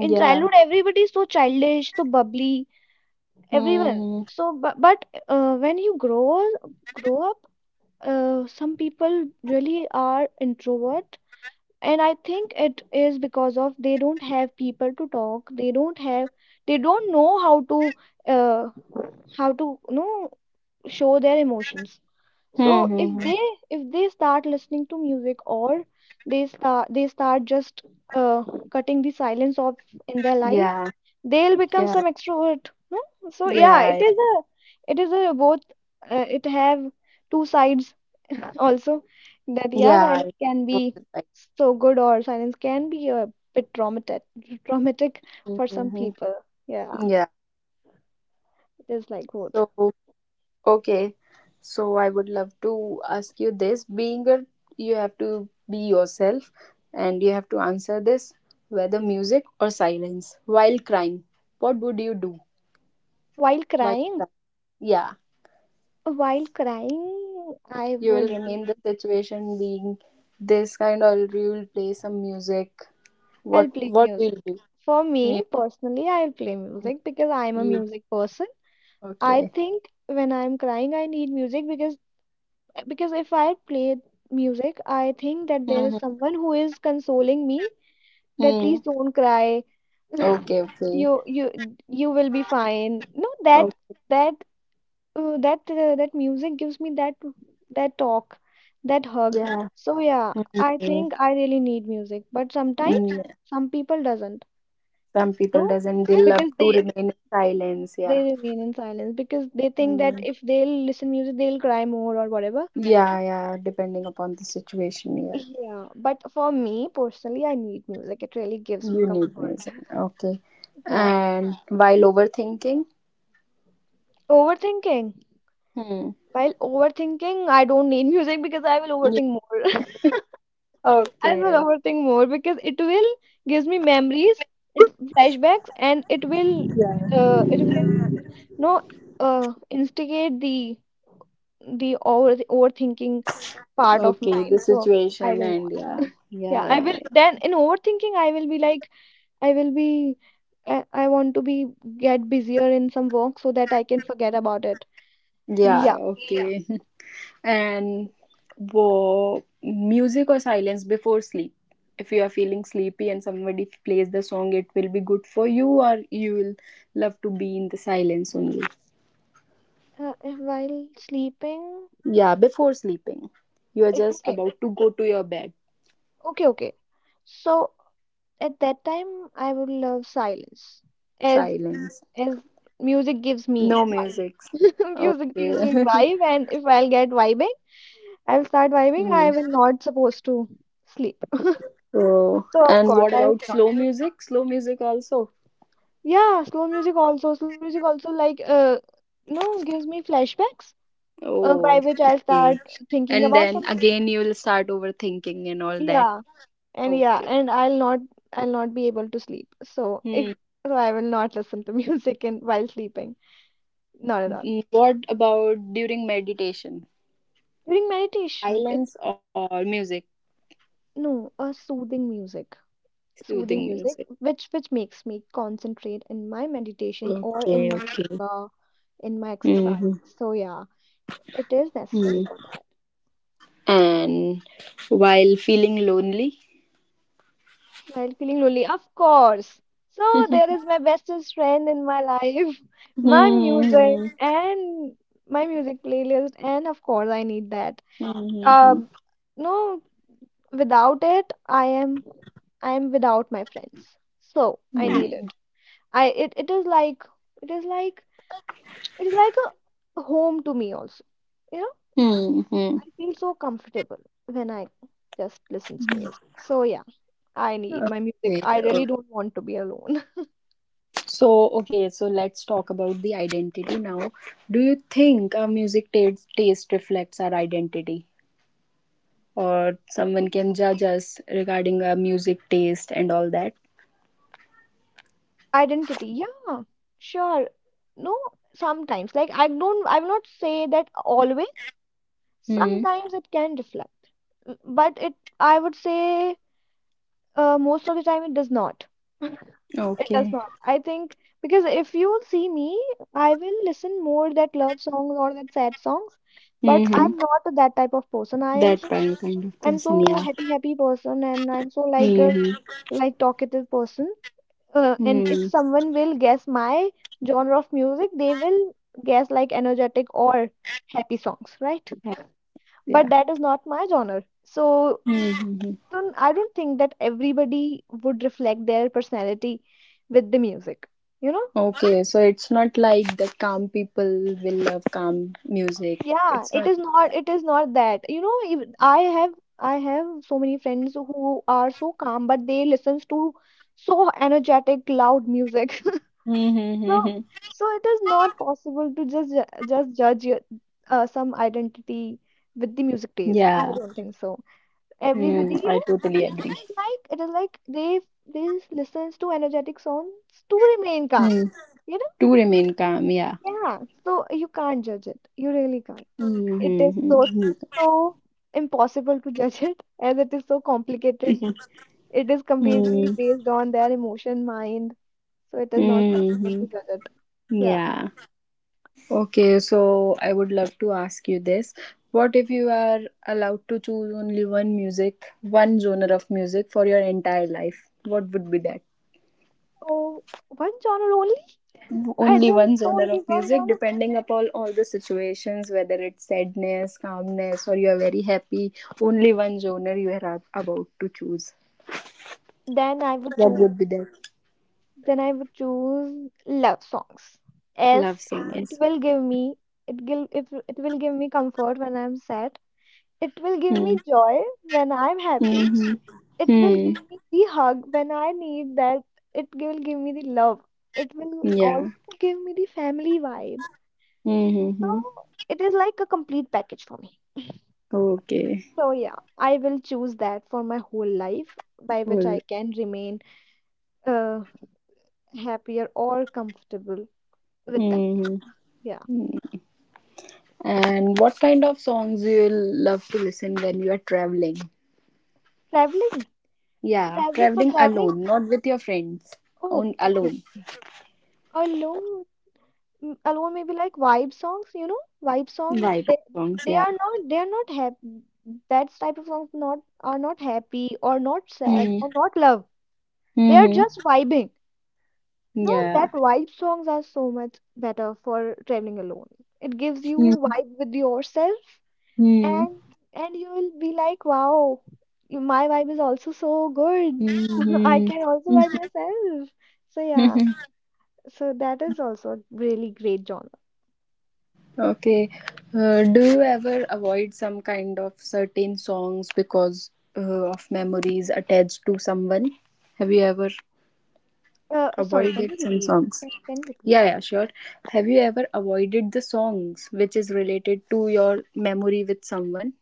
Speaker 2: in childhood everybody is so childish, so bubbly, everyone.
Speaker 1: Hmm.
Speaker 2: So but, but uh, when you grow grow up, uh, some people really are introvert. And I think it is because of they don't have people to talk, they don't have, they don't know how to, uh, how to you know show their emotions. So if
Speaker 1: Hmm.
Speaker 2: they, if they start listening to music, or they start they start just, uh, cutting the silence off in their life,
Speaker 1: Yeah.
Speaker 2: they'll become some extrovert, no? So yeah,
Speaker 1: Yeah,
Speaker 2: it
Speaker 1: yeah,
Speaker 2: is a, it is a both, uh, it have two sides also. That yeah,
Speaker 1: yeah. I
Speaker 2: silence can be
Speaker 1: know the site.
Speaker 2: so good, or silence can be a bit traumatic traumatic for some
Speaker 1: Mhm.
Speaker 2: people, yeah.
Speaker 1: Yeah.
Speaker 2: It is like both.
Speaker 1: So, okay. So I would love to ask you this. Being a, you have to be yourself, and you have to answer this, whether music or silence. While crying, what would you do
Speaker 2: While
Speaker 1: while
Speaker 2: crying,
Speaker 1: crying? Yeah,
Speaker 2: while crying I
Speaker 1: you will
Speaker 2: would be
Speaker 1: remain the situation being this kind, or you will play some music.
Speaker 2: I'll
Speaker 1: What
Speaker 2: play
Speaker 1: What will
Speaker 2: music.
Speaker 1: you do?
Speaker 2: For me
Speaker 1: Music.
Speaker 2: personally, I'll play music because I'm a
Speaker 1: You
Speaker 2: music person. I
Speaker 1: okay?
Speaker 2: think when I'm crying, I need music because, because if I play music, I think that there is
Speaker 1: Mm-hmm.
Speaker 2: someone who is consoling me that please
Speaker 1: Mm.
Speaker 2: don't cry.
Speaker 1: Okay.
Speaker 2: You you you will be fine. No, that
Speaker 1: Okay.
Speaker 2: that uh, that uh, That music gives me that, that talk, that hug.
Speaker 1: Yeah.
Speaker 2: So yeah, I
Speaker 1: Mm,
Speaker 2: think I really need music, but
Speaker 1: mm,
Speaker 2: sometimes
Speaker 1: yeah.
Speaker 2: some people doesn't.
Speaker 1: Some people
Speaker 2: No,
Speaker 1: doesn't. They love
Speaker 2: because
Speaker 1: to
Speaker 2: they
Speaker 1: remain in silence.
Speaker 2: they
Speaker 1: Yeah.
Speaker 2: remain in silence because they think that
Speaker 1: Mm.
Speaker 2: if they'll listen music, they'll cry more or whatever.
Speaker 1: Yeah, yeah. Depending upon the situation. Yeah.
Speaker 2: Yeah, but for me personally, I need music. It really gives me
Speaker 1: You
Speaker 2: comfort.
Speaker 1: need music. Okay.
Speaker 2: Yeah.
Speaker 1: And while overthinking.
Speaker 2: Overthinking.
Speaker 1: Hmm.
Speaker 2: While overthinking, I don't need music because I will
Speaker 1: Yeah.
Speaker 2: overthink more. I will
Speaker 1: Okay, okay.
Speaker 2: overthink more because it will gives me memories, it flashbacks, and it will,
Speaker 1: Yeah.
Speaker 2: uh it will no uh instigate the the over overthinking part of
Speaker 1: Okay. The
Speaker 2: mine. So I
Speaker 1: situation
Speaker 2: don't know.
Speaker 1: and yeah. Yeah.
Speaker 2: Yeah, I
Speaker 1: Yeah.
Speaker 2: will then in overthinking I will be like, I will be I, I want to be, get busier in some work so that I can forget about it.
Speaker 1: Yeah.
Speaker 2: Yeah.
Speaker 1: Yeah. Okay. And wo music or silence before sleep. If you are feeling sleepy and somebody plays the song, it will be good for you, or you will love to be in the silence only.
Speaker 2: Uh, uh, while sleeping.
Speaker 1: Yeah, before sleeping. You are
Speaker 2: uh,
Speaker 1: just
Speaker 2: Okay.
Speaker 1: about to go to your bed.
Speaker 2: Okay, okay. So at that time I would love silence, as
Speaker 1: Silence.
Speaker 2: as music gives me
Speaker 1: No music.
Speaker 2: vibe. Music gives me
Speaker 1: Okay.
Speaker 2: vibe, and if I'll get vibing, I'll start vibing. I
Speaker 1: Hmm.
Speaker 2: will not supposed to sleep.
Speaker 1: So,
Speaker 2: So of
Speaker 1: and
Speaker 2: course
Speaker 1: what
Speaker 2: I will
Speaker 1: about
Speaker 2: not.
Speaker 1: slow music? Slow music also.
Speaker 2: Yeah, slow music also. Slow music also like, uh no gives me flashbacks, uh, by
Speaker 1: Oh,
Speaker 2: which I'll start
Speaker 1: okay.
Speaker 2: thinking
Speaker 1: And
Speaker 2: about
Speaker 1: then
Speaker 2: something.
Speaker 1: again, you will start overthinking and all that.
Speaker 2: Yeah, and yeah,
Speaker 1: Okay.
Speaker 2: and I'll not, I'll not be able to sleep. So if
Speaker 1: Hmm.
Speaker 2: so I will not listen to music in while sleeping. Not at all.
Speaker 1: Mm, what about during meditation?
Speaker 2: During meditation, it
Speaker 1: Silence or music?
Speaker 2: no, a soothing music. Soothing
Speaker 1: Soothing
Speaker 2: music
Speaker 1: music.
Speaker 2: which which makes me concentrate in my meditation, or in
Speaker 1: Okay,
Speaker 2: my
Speaker 1: okay.
Speaker 2: yoga, in my exercise.
Speaker 1: Hmm.
Speaker 2: So yeah, it is necessary for that.
Speaker 1: And while feeling lonely?
Speaker 2: While feeling lonely, of course. So there is my bestest friend in my life, my music
Speaker 1: Mhm.
Speaker 2: and my music playlist, and of course I need that.
Speaker 1: Mhm.
Speaker 2: Um, no, without it, I am I am without my friends. So I need
Speaker 1: Mhm.
Speaker 2: it. I it, it is like it is like it is like a home to me also. You know,
Speaker 1: Mhm.
Speaker 2: I feel so comfortable when I just listens to music. So yeah, I need my music.
Speaker 1: Okay,
Speaker 2: I really
Speaker 1: okay.
Speaker 2: don't want to be alone.
Speaker 1: So okay, so let's talk about the identity now. Do you think our music taste, taste reflects our identity, or someone can judge us regarding our music taste and all that?
Speaker 2: Identity, yeah, sure. No, sometimes, like, i don't I will not say that always,
Speaker 1: Hmm.
Speaker 2: sometimes it can reflect. M- but it I would say, uh, most of the time it does not it does
Speaker 1: Okay.
Speaker 2: not, I think. Because if you see me, I will listen more that love songs, or that sad songs, but
Speaker 1: Mm-hmm.
Speaker 2: I'm not that type of person. i am
Speaker 1: That
Speaker 2: so
Speaker 1: kind kind of
Speaker 2: I'm so
Speaker 1: person, yeah.
Speaker 2: happy happy person, and I'm so like a
Speaker 1: Mm-hmm.
Speaker 2: like talkative person. Uh, and if
Speaker 1: Mm.
Speaker 2: someone will guess my genre of music, they will guess like energetic or happy songs, right?
Speaker 1: Yes. Yeah.
Speaker 2: But that is not my genre. So,
Speaker 1: Mm-hmm.
Speaker 2: so I don't think that everybody would reflect their personality with the music, you know?
Speaker 1: Okay, so it's not like that calm people will love calm music.
Speaker 2: Yeah,
Speaker 1: It's
Speaker 2: it
Speaker 1: not.
Speaker 2: is not, it is not that. You know, even I have I have so many friends who are so calm, but they listens to so energetic, loud music. So,
Speaker 1: Mm-hmm.
Speaker 2: so it is not possible to just ju- just judge your, uh, some identity with the music taste. I
Speaker 1: Yeah.
Speaker 2: don't think so. Everybody, you
Speaker 1: Mm,
Speaker 2: know,
Speaker 1: I
Speaker 2: it,
Speaker 1: totally
Speaker 2: it is
Speaker 1: agree.
Speaker 2: like it is like they they listens to energetic songs to remain calm.
Speaker 1: Mm.
Speaker 2: You know?
Speaker 1: To remain calm, yeah.
Speaker 2: Yeah. So you can't judge it. You really can't. It is so,
Speaker 1: Mm-hmm.
Speaker 2: so impossible to judge it, as it is so complicated. It is completely
Speaker 1: Mm-hmm.
Speaker 2: based on their emotion, mind. So it is not possible to
Speaker 1: Mm-hmm.
Speaker 2: judge it. Yeah.
Speaker 1: Yeah. Okay, so I would love to ask you this. What if you are allowed to choose only one music, one genre of music for your entire life? What would be that?
Speaker 2: Oh, one genre only? I
Speaker 1: Only
Speaker 2: just
Speaker 1: one genre
Speaker 2: only
Speaker 1: of
Speaker 2: one
Speaker 1: music,
Speaker 2: genre.
Speaker 1: depending upon all the situations, whether it's sadness, calmness, or you are very happy. Only one genre you are ab- about to choose.
Speaker 2: Then I would
Speaker 1: What
Speaker 2: choose.
Speaker 1: would be that?
Speaker 2: Then I would choose love songs, as
Speaker 1: Love
Speaker 2: it
Speaker 1: songs.
Speaker 2: will give me, it will if it will give me comfort when I'm sad. It will give
Speaker 1: Hmm.
Speaker 2: me joy when I'm happy.
Speaker 1: Mm-hmm.
Speaker 2: It will
Speaker 1: Hmm.
Speaker 2: give me the hug when I need that. It will give me the love. It will
Speaker 1: Yeah.
Speaker 2: also give me the family vibe. So
Speaker 1: Mm-hmm.
Speaker 2: it is like a complete package for me.
Speaker 1: Okay.
Speaker 2: So yeah, I will choose that for my whole life, by which
Speaker 1: Cool.
Speaker 2: I can remain, uh, happier or comfortable with that.
Speaker 1: Mm-hmm.
Speaker 2: Yeah,
Speaker 1: And what kind of songs do you love to listen when you are traveling?
Speaker 2: traveling,
Speaker 1: Yeah,
Speaker 2: traveling for
Speaker 1: traveling
Speaker 2: traveling.
Speaker 1: alone, not with your friends.
Speaker 2: Oh,
Speaker 1: On
Speaker 2: okay,
Speaker 1: alone.
Speaker 2: okay. Alone, mm, alone maybe like vibe songs. You know, vibe songs.
Speaker 1: Vibe
Speaker 2: They
Speaker 1: songs,
Speaker 2: they
Speaker 1: yeah.
Speaker 2: are not they are not happy. That type of songs not are not happy, or not sad,
Speaker 1: Hmm.
Speaker 2: or not love. They are
Speaker 1: Mm-hmm.
Speaker 2: just vibing. No,
Speaker 1: Yeah.
Speaker 2: that vibe songs are so much better for traveling alone. It gives you vibe with yourself,
Speaker 1: Mm-hmm.
Speaker 2: and and you'll be like, wow, y- my vibe is also so good. I can also vibe myself. So yeah,
Speaker 1: Mm-hmm.
Speaker 2: so that is also a really great genre.
Speaker 1: Okay. Uh, do you ever avoid some kind of certain songs because uh, of memories attached to someone? Have you ever
Speaker 2: Uh, sorry, can
Speaker 1: avoided
Speaker 2: you
Speaker 1: some
Speaker 2: repeat?
Speaker 1: songs?
Speaker 2: Can, can you repeat?
Speaker 1: Yeah, yeah, sure. Have you ever avoided the songs which is related to your memory with someone?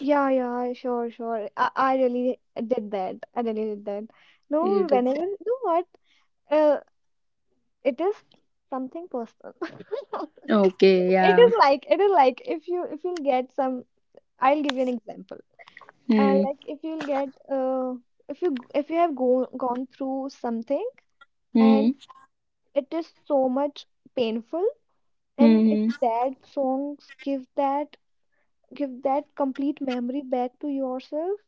Speaker 2: Yeah, yeah, sure, sure. I, I really did that. I really did that.
Speaker 1: You
Speaker 2: No,
Speaker 1: did
Speaker 2: whenever,
Speaker 1: that.
Speaker 2: you know what? Uh, it is something personal.
Speaker 1: Okay,
Speaker 2: It
Speaker 1: yeah.
Speaker 2: is like, it is like if you, if you'll get some, I'll give you an example. Uh,
Speaker 1: Hmm.
Speaker 2: like if you'll get uh if you, if you have go, gone through something,
Speaker 1: Hmm.
Speaker 2: and it is so much painful, and if
Speaker 1: Hmm.
Speaker 2: that songs give that, give that complete memory back to yourself.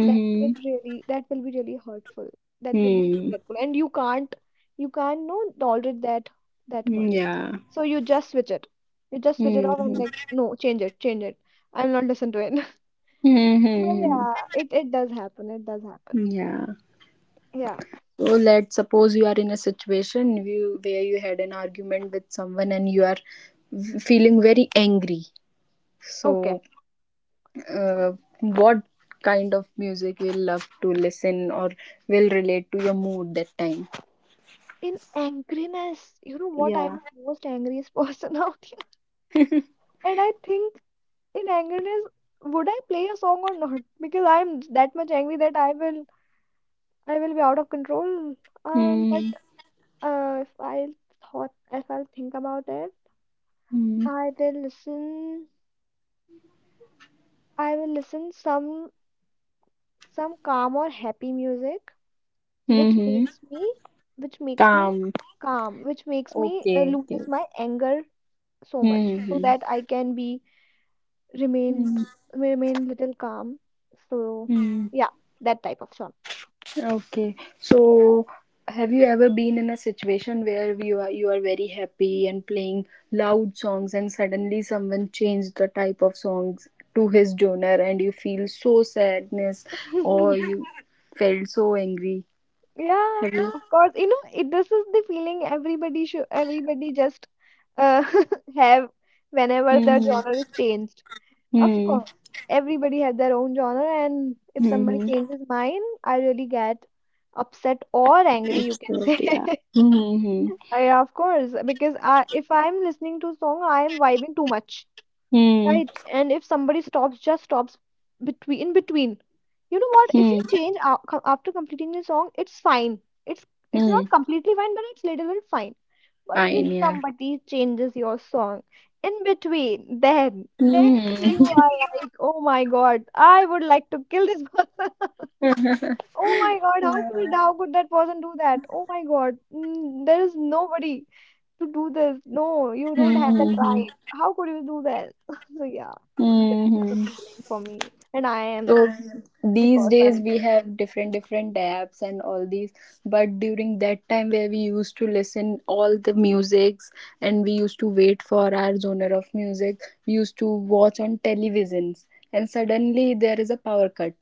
Speaker 2: That will really, that will be really hurtful. That will be
Speaker 1: Hmm.
Speaker 2: really hurtful. And you can't, you can't no tolerate that that
Speaker 1: Hmm.
Speaker 2: much.
Speaker 1: Yeah.
Speaker 2: So you just switch it. You just switch it
Speaker 1: Hmm.
Speaker 2: off and
Speaker 1: Hmm.
Speaker 2: like, no, change it, change it. I'm not listen to it.
Speaker 1: Hmm.
Speaker 2: Well,
Speaker 1: Hmm.
Speaker 2: yeah, it it does happen. It does happen.
Speaker 1: Hmm. Yeah.
Speaker 2: Yeah.
Speaker 1: So let's suppose you are in a situation you, where you had an argument with someone and you are v- feeling very angry.
Speaker 2: Okay.
Speaker 1: So uh, what kind of music we love to listen or will relate to your mood that time.
Speaker 2: In angriness, you know what? I'm
Speaker 1: Yeah.
Speaker 2: the most angriest person out here, and I think in angriness, would I play a song or not? Because I'm that much angry that I will I will be out of control. Um, but
Speaker 1: Hmm.
Speaker 2: Uh, if I thought, if I think about it,
Speaker 1: Hmm.
Speaker 2: I will listen. I will listen some, some calm or happy music, which
Speaker 1: Hmm.
Speaker 2: makes me, which makes me
Speaker 1: Calm.
Speaker 2: calm, which makes me, uh,
Speaker 1: Okay. Okay.
Speaker 2: loses my anger so much, so
Speaker 1: Hmm.
Speaker 2: that I can be remain,
Speaker 1: Hmm.
Speaker 2: remain little calm. So
Speaker 1: Hmm.
Speaker 2: yeah, that type of song.
Speaker 1: Okay. So, have you ever been in a situation where you are you are very happy and playing loud songs, and suddenly someone changed the type of songs to his genre, and you feel so sadness, or you felt so angry?
Speaker 2: Yeah,
Speaker 1: Have you?
Speaker 2: of course. You know, it this is the feeling everybody should, everybody just, uh, have, whenever their
Speaker 1: Mm-hmm.
Speaker 2: genre is changed. Of
Speaker 1: Mm-hmm.
Speaker 2: course, everybody have their own genre, and if somebody
Speaker 1: Mm-hmm.
Speaker 2: changes mine, I really get upset or angry, you
Speaker 1: It's
Speaker 2: can
Speaker 1: good,
Speaker 2: say.
Speaker 1: yeah. Mm-hmm.
Speaker 2: Yeah, of course, because I if I'm listening to a song, I am vibing too much, right?
Speaker 1: Mm-hmm.
Speaker 2: And if somebody stops, just stops between in between. You know what, if you change a- co- after completing the song, it's fine. it's it's
Speaker 1: Mm-hmm.
Speaker 2: not completely fine, but it's little bit fine. But if
Speaker 1: Fine, yeah.
Speaker 2: somebody changes your song in between, then then you
Speaker 1: Mm-hmm.
Speaker 2: are like, oh my god, I would like to kill this person. Oh my god, how could how could that person do that? Oh my god, mm, there is nobody to do this. No, you don't have that
Speaker 1: Hmm.
Speaker 2: right. How could you do that? So yeah, that is a
Speaker 1: Hmm.
Speaker 2: feeling for me, and I am
Speaker 1: So
Speaker 2: the
Speaker 1: these days
Speaker 2: person.
Speaker 1: we have different different apps and all these, but during that time where we used to listen all the musics, and we used to wait for our genre of music, we used to watch on televisions, and suddenly there is a power cut.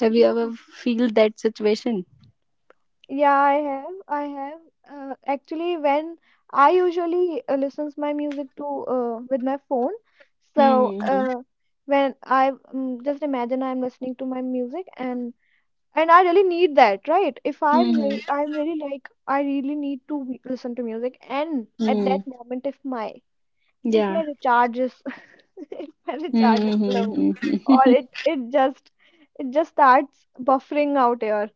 Speaker 1: Have you
Speaker 2: Yeah,
Speaker 1: ever feel that situation?
Speaker 2: yeah, I have. I have. Uh, actually, when I usually uh, listens my music to, uh, with my phone, so,
Speaker 1: Mm-hmm.
Speaker 2: uh, when I, um, just imagine I'm listening to my music, and and I really need that, right? If I'm
Speaker 1: Mm-hmm.
Speaker 2: re I'm really like I really need to be- listen to music, and at
Speaker 1: Mm.
Speaker 2: that moment, if my if my
Speaker 1: Yeah.
Speaker 2: recharge is if my recharge is low, or
Speaker 1: Mm-hmm.
Speaker 2: it it just it just starts buffering out here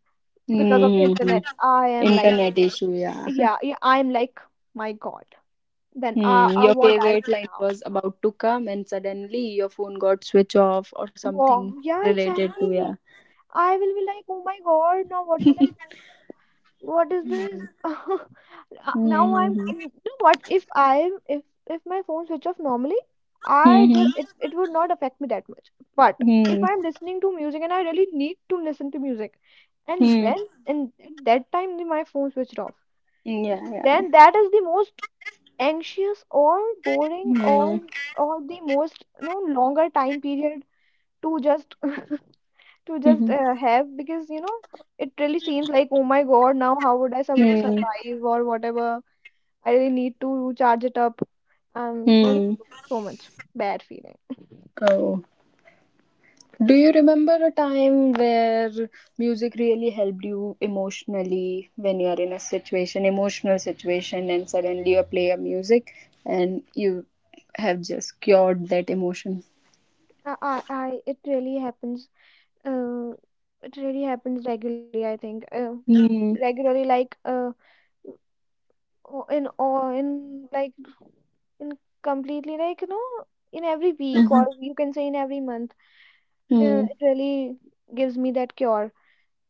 Speaker 2: because of the
Speaker 1: Mm-hmm.
Speaker 2: internet I am like
Speaker 1: Internet
Speaker 2: sh-
Speaker 1: issue, yeah.
Speaker 2: yeah, yeah, I'm like my God. Then
Speaker 1: Hmm.
Speaker 2: uh, uh
Speaker 1: Your
Speaker 2: what I'll
Speaker 1: favorite line
Speaker 2: do now.
Speaker 1: was about to come, and suddenly your phone got switch off or something
Speaker 2: Wow, yeah,
Speaker 1: related to yeah.
Speaker 2: exactly. I will be like, oh my god, now what will I do, what is this? Uh, now
Speaker 1: Mm-hmm.
Speaker 2: I'm
Speaker 1: Mm-hmm.
Speaker 2: you know what, if i if if my phone switch off normally I just it, it would not affect me that much, but if
Speaker 1: Mm-hmm.
Speaker 2: I'm listening to music and I really need to listen to music and
Speaker 1: Mm-hmm.
Speaker 2: when in at that time the- my phone switched off,
Speaker 1: Yeah, yeah.
Speaker 2: then that is the most anxious or boring
Speaker 1: Mm-hmm.
Speaker 2: or or the most no longer time period to just to just
Speaker 1: Mm-hmm.
Speaker 2: uh, have, because you know it really seems like, oh my god, now how would I sur- survive or whatever. I really need to charge it up. Um there's
Speaker 1: Mm-hmm.
Speaker 2: so so much bad feeling.
Speaker 1: Oh. Do you remember a time where music really helped you emotionally when you are in a situation, emotional situation, and suddenly you play a music and you have just cured that emotion?
Speaker 2: I, I I- it really happens, uh it really happens regularly, I think, uh,
Speaker 1: Mm,
Speaker 2: regularly, like uh o- in all in like in completely, like, you know, in every week
Speaker 1: mhm,
Speaker 2: or you can say in every month, uh,
Speaker 1: mm,
Speaker 2: it really gives me that cure.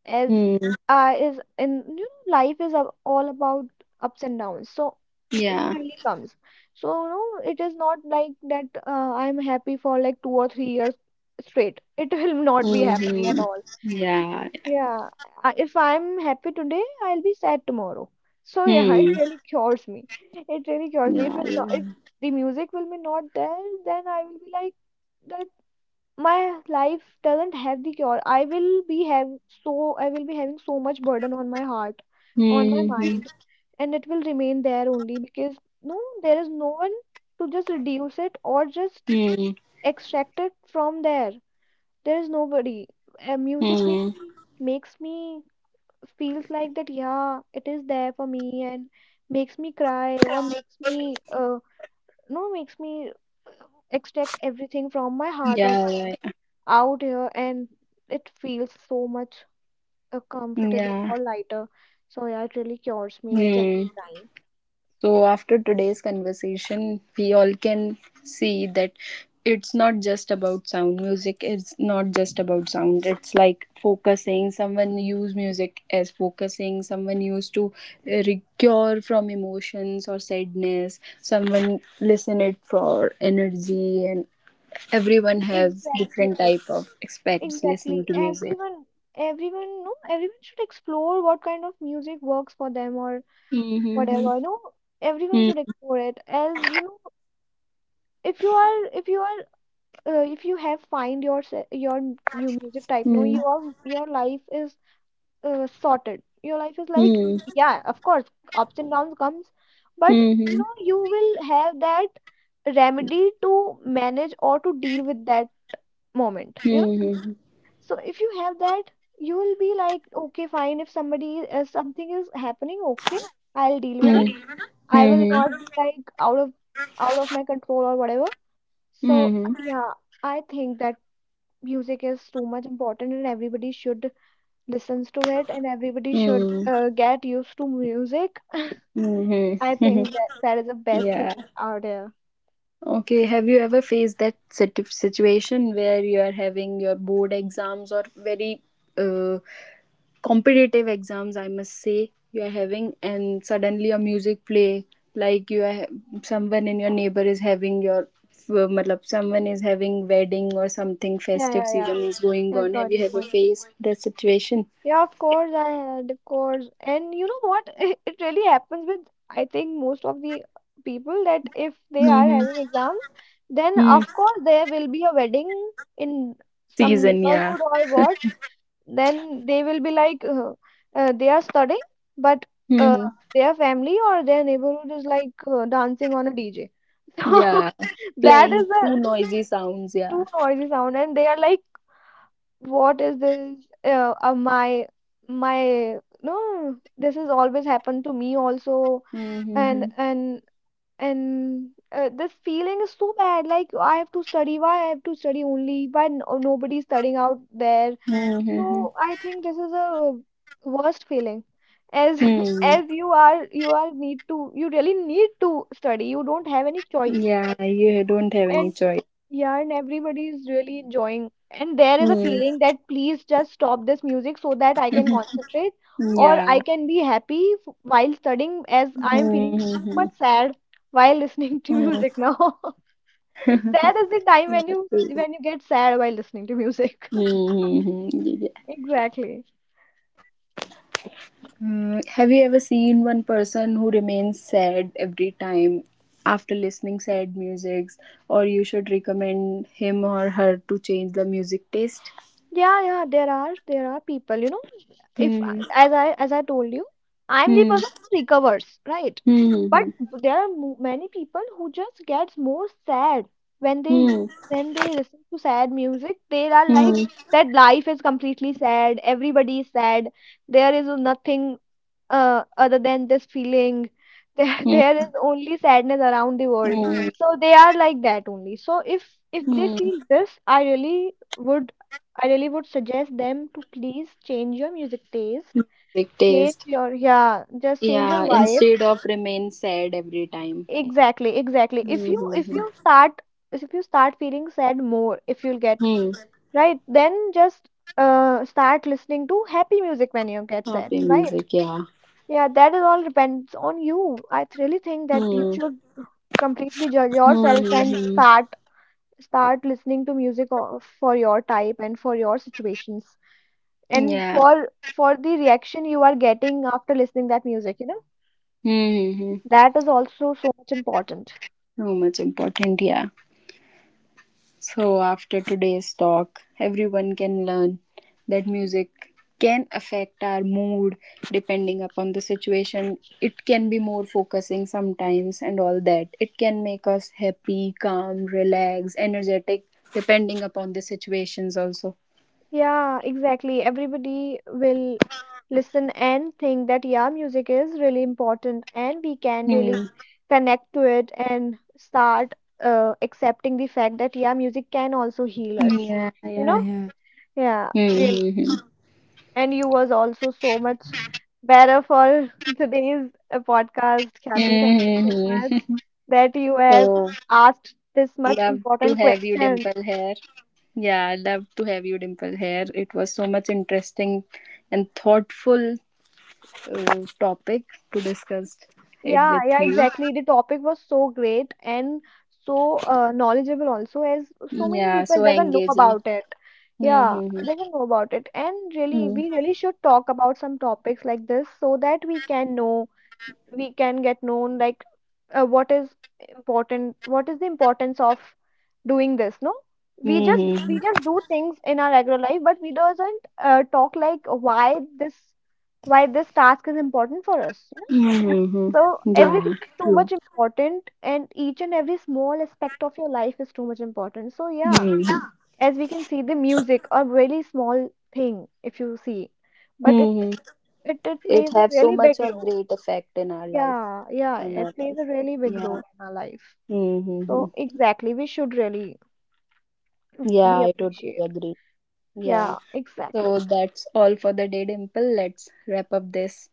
Speaker 2: As
Speaker 1: mm,
Speaker 2: uh, is in you know, life is a- all about ups and downs, so it
Speaker 1: yeah.
Speaker 2: really comes. So no, it is not like that, uh, I'm happy for like two or three years straight. It will not be happening at
Speaker 1: Mm-hmm.
Speaker 2: all.
Speaker 1: Yeah.
Speaker 2: Yeah, I- if I'm happy today, I'll be sad tomorrow, so yeah. It
Speaker 1: Hmm.
Speaker 2: really cures me. It really cures me. If
Speaker 1: Yeah.
Speaker 2: I'm not,
Speaker 1: Yeah.
Speaker 2: if the music will be not there, then I will be like that my life doesn't have the cure. I will be have, so I will be having so much burden on my heart, on my
Speaker 1: Hmm. Hmm.
Speaker 2: mind, and it will remain there only because no, there is no one to just reduce it or just
Speaker 1: Hmm.
Speaker 2: extract it from there. There is nobody. Uh, music
Speaker 1: Mm,
Speaker 2: really makes me feels like that. Yeah, it is there for me and makes me cry or makes me uh no, makes me extract everything from my heart or mind
Speaker 1: yeah. Right.
Speaker 2: out here, and it feels so much uh, comfortable
Speaker 1: Yeah.
Speaker 2: or lighter. So yeah, it really cures me each and
Speaker 1: Hmm.
Speaker 2: every time.
Speaker 1: So, after today's conversation, we all can see that it's not just about sound. Music is not just about sound. It's like focusing. Someone use music as focusing. Someone used to uh, cure from emotions or sadness. Someone listen it for energy, and everyone has different
Speaker 2: Exactly,
Speaker 1: type of aspects listening
Speaker 2: exactly.
Speaker 1: to music.
Speaker 2: Everyone, everyone, no, everyone should explore what kind of music works for them or
Speaker 1: Mm-hmm.
Speaker 2: whatever. No, everyone should explore it. As you know, if you are, if you are, uh, if you have find your se- your new music type, no,
Speaker 1: Mm-hmm.
Speaker 2: your your life is uh, sorted. Your life is like,
Speaker 1: Mm-hmm.
Speaker 2: yeah, of course, ups and downs comes, but you
Speaker 1: Mm-hmm.
Speaker 2: know, you will have that remedy to manage or to deal with that moment, you know.
Speaker 1: Mm-hmm.
Speaker 2: So if you have that, you will be like, okay, fine, if somebody uh, something is happening, okay, I'll deal with it. I will
Speaker 1: Mm-hmm.
Speaker 2: not be like out of out of my control or whatever. So
Speaker 1: Mm-hmm.
Speaker 2: yeah, I think that music is too much important and everybody should listens to it, and everybody should
Speaker 1: Mm-hmm.
Speaker 2: uh, get used to music. I
Speaker 1: Mm-hmm.
Speaker 2: think that that is the best
Speaker 1: Yeah.
Speaker 2: thing out there.
Speaker 1: Okay. Have you ever faced that situ- situation where you are having your board exams or very uh, competitive exams, I must say, you are having, and suddenly a music play, like you are someone in your neighbor is having your, uh, matlab, someone is having wedding or something
Speaker 2: Yeah,
Speaker 1: festive
Speaker 2: yeah,
Speaker 1: season is going
Speaker 2: yeah, I
Speaker 1: on. Have
Speaker 2: got your
Speaker 1: you ever
Speaker 2: point.
Speaker 1: faced that situation?
Speaker 2: Yeah, of course, I had, of course. And you know what, it it really happens with, I think, most of the people that if they are
Speaker 1: Mm-hmm.
Speaker 2: having exams, then
Speaker 1: Mm.
Speaker 2: of course there will be a wedding in some
Speaker 1: Season, yeah.
Speaker 2: neighborhood or what. Then they will be like uh, uh, they are studying, but uh,
Speaker 1: Mm-hmm.
Speaker 2: their family or their neighborhood is like uh, dancing on a D J. So
Speaker 1: Yeah,
Speaker 2: that
Speaker 1: playing
Speaker 2: is a
Speaker 1: too noisy sounds. Yeah.
Speaker 2: too noisy sound, and they are like, what is this, uh, uh, my my, no, this has always happened to me also. and
Speaker 1: Mm-hmm.
Speaker 2: and and uh, this feeling is so bad, like, I have to study, why I have to study only, why, no, nobody is studying out there.
Speaker 1: Mm-hmm.
Speaker 2: So I think this is a worst feeling. As
Speaker 1: Hmm.
Speaker 2: as you are, you are need to, you really need to study. You don't have any choice.
Speaker 1: Yeah, you don't have any
Speaker 2: And
Speaker 1: choice.
Speaker 2: yeah, and everybody is really enjoying. And there is a
Speaker 1: Hmm.
Speaker 2: feeling that please just stop this music so that I can concentrate or
Speaker 1: Yeah.
Speaker 2: I can be happy f- while studying, as I am feeling
Speaker 1: Mm-hmm.
Speaker 2: super sad while listening to
Speaker 1: Mm,
Speaker 2: music now. That is the time
Speaker 1: yeah.
Speaker 2: when you,
Speaker 1: True.
Speaker 2: when you get sad while listening to music.
Speaker 1: Mhm. Yeah.
Speaker 2: Exactly.
Speaker 1: Mm, have you ever seen one person who remains sad every time after listening sad musics, or you should recommend him or her to change the music taste?
Speaker 2: Yeah, yeah, there are there are people, you know, if
Speaker 1: Hmm.
Speaker 2: I- as I as I told you, I'm the
Speaker 1: Hmm.
Speaker 2: person who recovers, right? But
Speaker 1: Hmm.
Speaker 2: there are mo- many people who just gets more sad when they
Speaker 1: Hmm.
Speaker 2: when they listen to sad music. They are like
Speaker 1: Hmm.
Speaker 2: that life is completely sad, everybody is sad, there is nothing uh, other than this feeling. There
Speaker 1: Hmm.
Speaker 2: there is only sadness around the world.
Speaker 1: Mm,
Speaker 2: So they are like that only. So if if they
Speaker 1: mm.
Speaker 2: feel this, i really would I really would suggest them to please change your music taste.
Speaker 1: Big
Speaker 2: Change
Speaker 1: taste.
Speaker 2: your, yeah, just change
Speaker 1: Yeah,
Speaker 2: your vibe.
Speaker 1: instead of remain sad every time.
Speaker 2: Exactly, exactly. if
Speaker 1: Hmm.
Speaker 2: you
Speaker 1: Hmm,
Speaker 2: if
Speaker 1: hmm.
Speaker 2: you start, if you start feeling sad more, if you'll get,
Speaker 1: Hmm.
Speaker 2: right, then just uh start listening to happy music when you get sad,
Speaker 1: Happy
Speaker 2: right.
Speaker 1: music, yeah.
Speaker 2: Yeah, that is all depends on you. I th- really think that you
Speaker 1: Hmm.
Speaker 2: should completely judge
Speaker 1: Hmm.
Speaker 2: yourself
Speaker 1: Hmm,
Speaker 2: and
Speaker 1: hmm.
Speaker 2: start start listening to music o- for your type and for your situations and
Speaker 1: Yeah.
Speaker 2: for for the reaction you are getting after listening that music, you know.
Speaker 1: Hmm. Hmm, hmm.
Speaker 2: That is also so much important.
Speaker 1: So much important, yeah. So, after today's talk, everyone can learn that music can affect our mood depending upon the situation. It can be more focusing sometimes and all that. It can make us happy, calm, relaxed, energetic depending upon the situations also.
Speaker 2: Yeah, exactly. Everybody will listen and think that, yeah, music is really important and we can really
Speaker 1: Hmm.
Speaker 2: connect to it and start uh, accepting the fact that, yeah, music can also heal us.
Speaker 1: Yeah,
Speaker 2: You
Speaker 1: yeah,
Speaker 2: know?
Speaker 1: yeah.
Speaker 2: Yeah,
Speaker 1: Hmm,
Speaker 2: really.
Speaker 1: hmm, hmm.
Speaker 2: And you was also so much better for today's uh, podcast, Kathy. Thank
Speaker 1: Hmm,
Speaker 2: you so
Speaker 1: hmm,
Speaker 2: much
Speaker 1: hmm.
Speaker 2: that you have
Speaker 1: So,
Speaker 2: asked this
Speaker 1: love
Speaker 2: much
Speaker 1: to have you,
Speaker 2: important
Speaker 1: Dimple,
Speaker 2: question.
Speaker 1: here. Yeah, I love to have you, Dimple, here. It was so much interesting and thoughtful uh, topic to discuss it
Speaker 2: Yeah,
Speaker 1: with
Speaker 2: yeah,
Speaker 1: you.
Speaker 2: exactly. The topic was so great and so uh, knowledgeable also, as so many
Speaker 1: Yeah,
Speaker 2: people
Speaker 1: so
Speaker 2: doesn't know
Speaker 1: engaging.
Speaker 2: about it. Yeah,
Speaker 1: Mm-hmm.
Speaker 2: doesn't know about it. And really,
Speaker 1: Mm-hmm.
Speaker 2: we really should talk about some topics like this so that we can know, we can get known, like uh, what is important, what is the importance of doing this, no? We just
Speaker 1: Mm-hmm.
Speaker 2: we just do things in our regular life, but we doesn't uh, talk like why this why this task is important for us.
Speaker 1: Mm-hmm.
Speaker 2: So everything
Speaker 1: Yeah,
Speaker 2: is too
Speaker 1: true.
Speaker 2: much important, and each and every small aspect of your life is too much important. So yeah,
Speaker 1: Mm-hmm.
Speaker 2: as we can see, the music a really small thing if you see, but it
Speaker 1: Mm-hmm.
Speaker 2: it, it
Speaker 1: It
Speaker 2: plays a
Speaker 1: have so
Speaker 2: really big
Speaker 1: much of
Speaker 2: role.
Speaker 1: great effect in our life,
Speaker 2: Yeah, yeah,
Speaker 1: in our
Speaker 2: it plays a
Speaker 1: life.
Speaker 2: really big role
Speaker 1: Yeah.
Speaker 2: in our life.
Speaker 1: Mm-hmm.
Speaker 2: So exactly, we should really
Speaker 1: Yeah,
Speaker 2: we
Speaker 1: I totally
Speaker 2: appreciate.
Speaker 1: agree. Yeah.
Speaker 2: Yeah,
Speaker 1: So
Speaker 2: exactly.
Speaker 1: that's all for the day, Dimple. Let's wrap up this.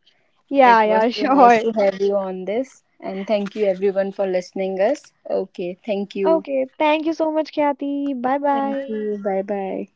Speaker 2: Yeah,
Speaker 1: It was
Speaker 2: yeah,
Speaker 1: so nice
Speaker 2: sure.
Speaker 1: to have you on this. And thank you everyone for listening us. Okay, thank you.
Speaker 2: Okay, thank you so much, Kathy. Bye
Speaker 1: Thank
Speaker 2: bye.
Speaker 1: you. Bye bye.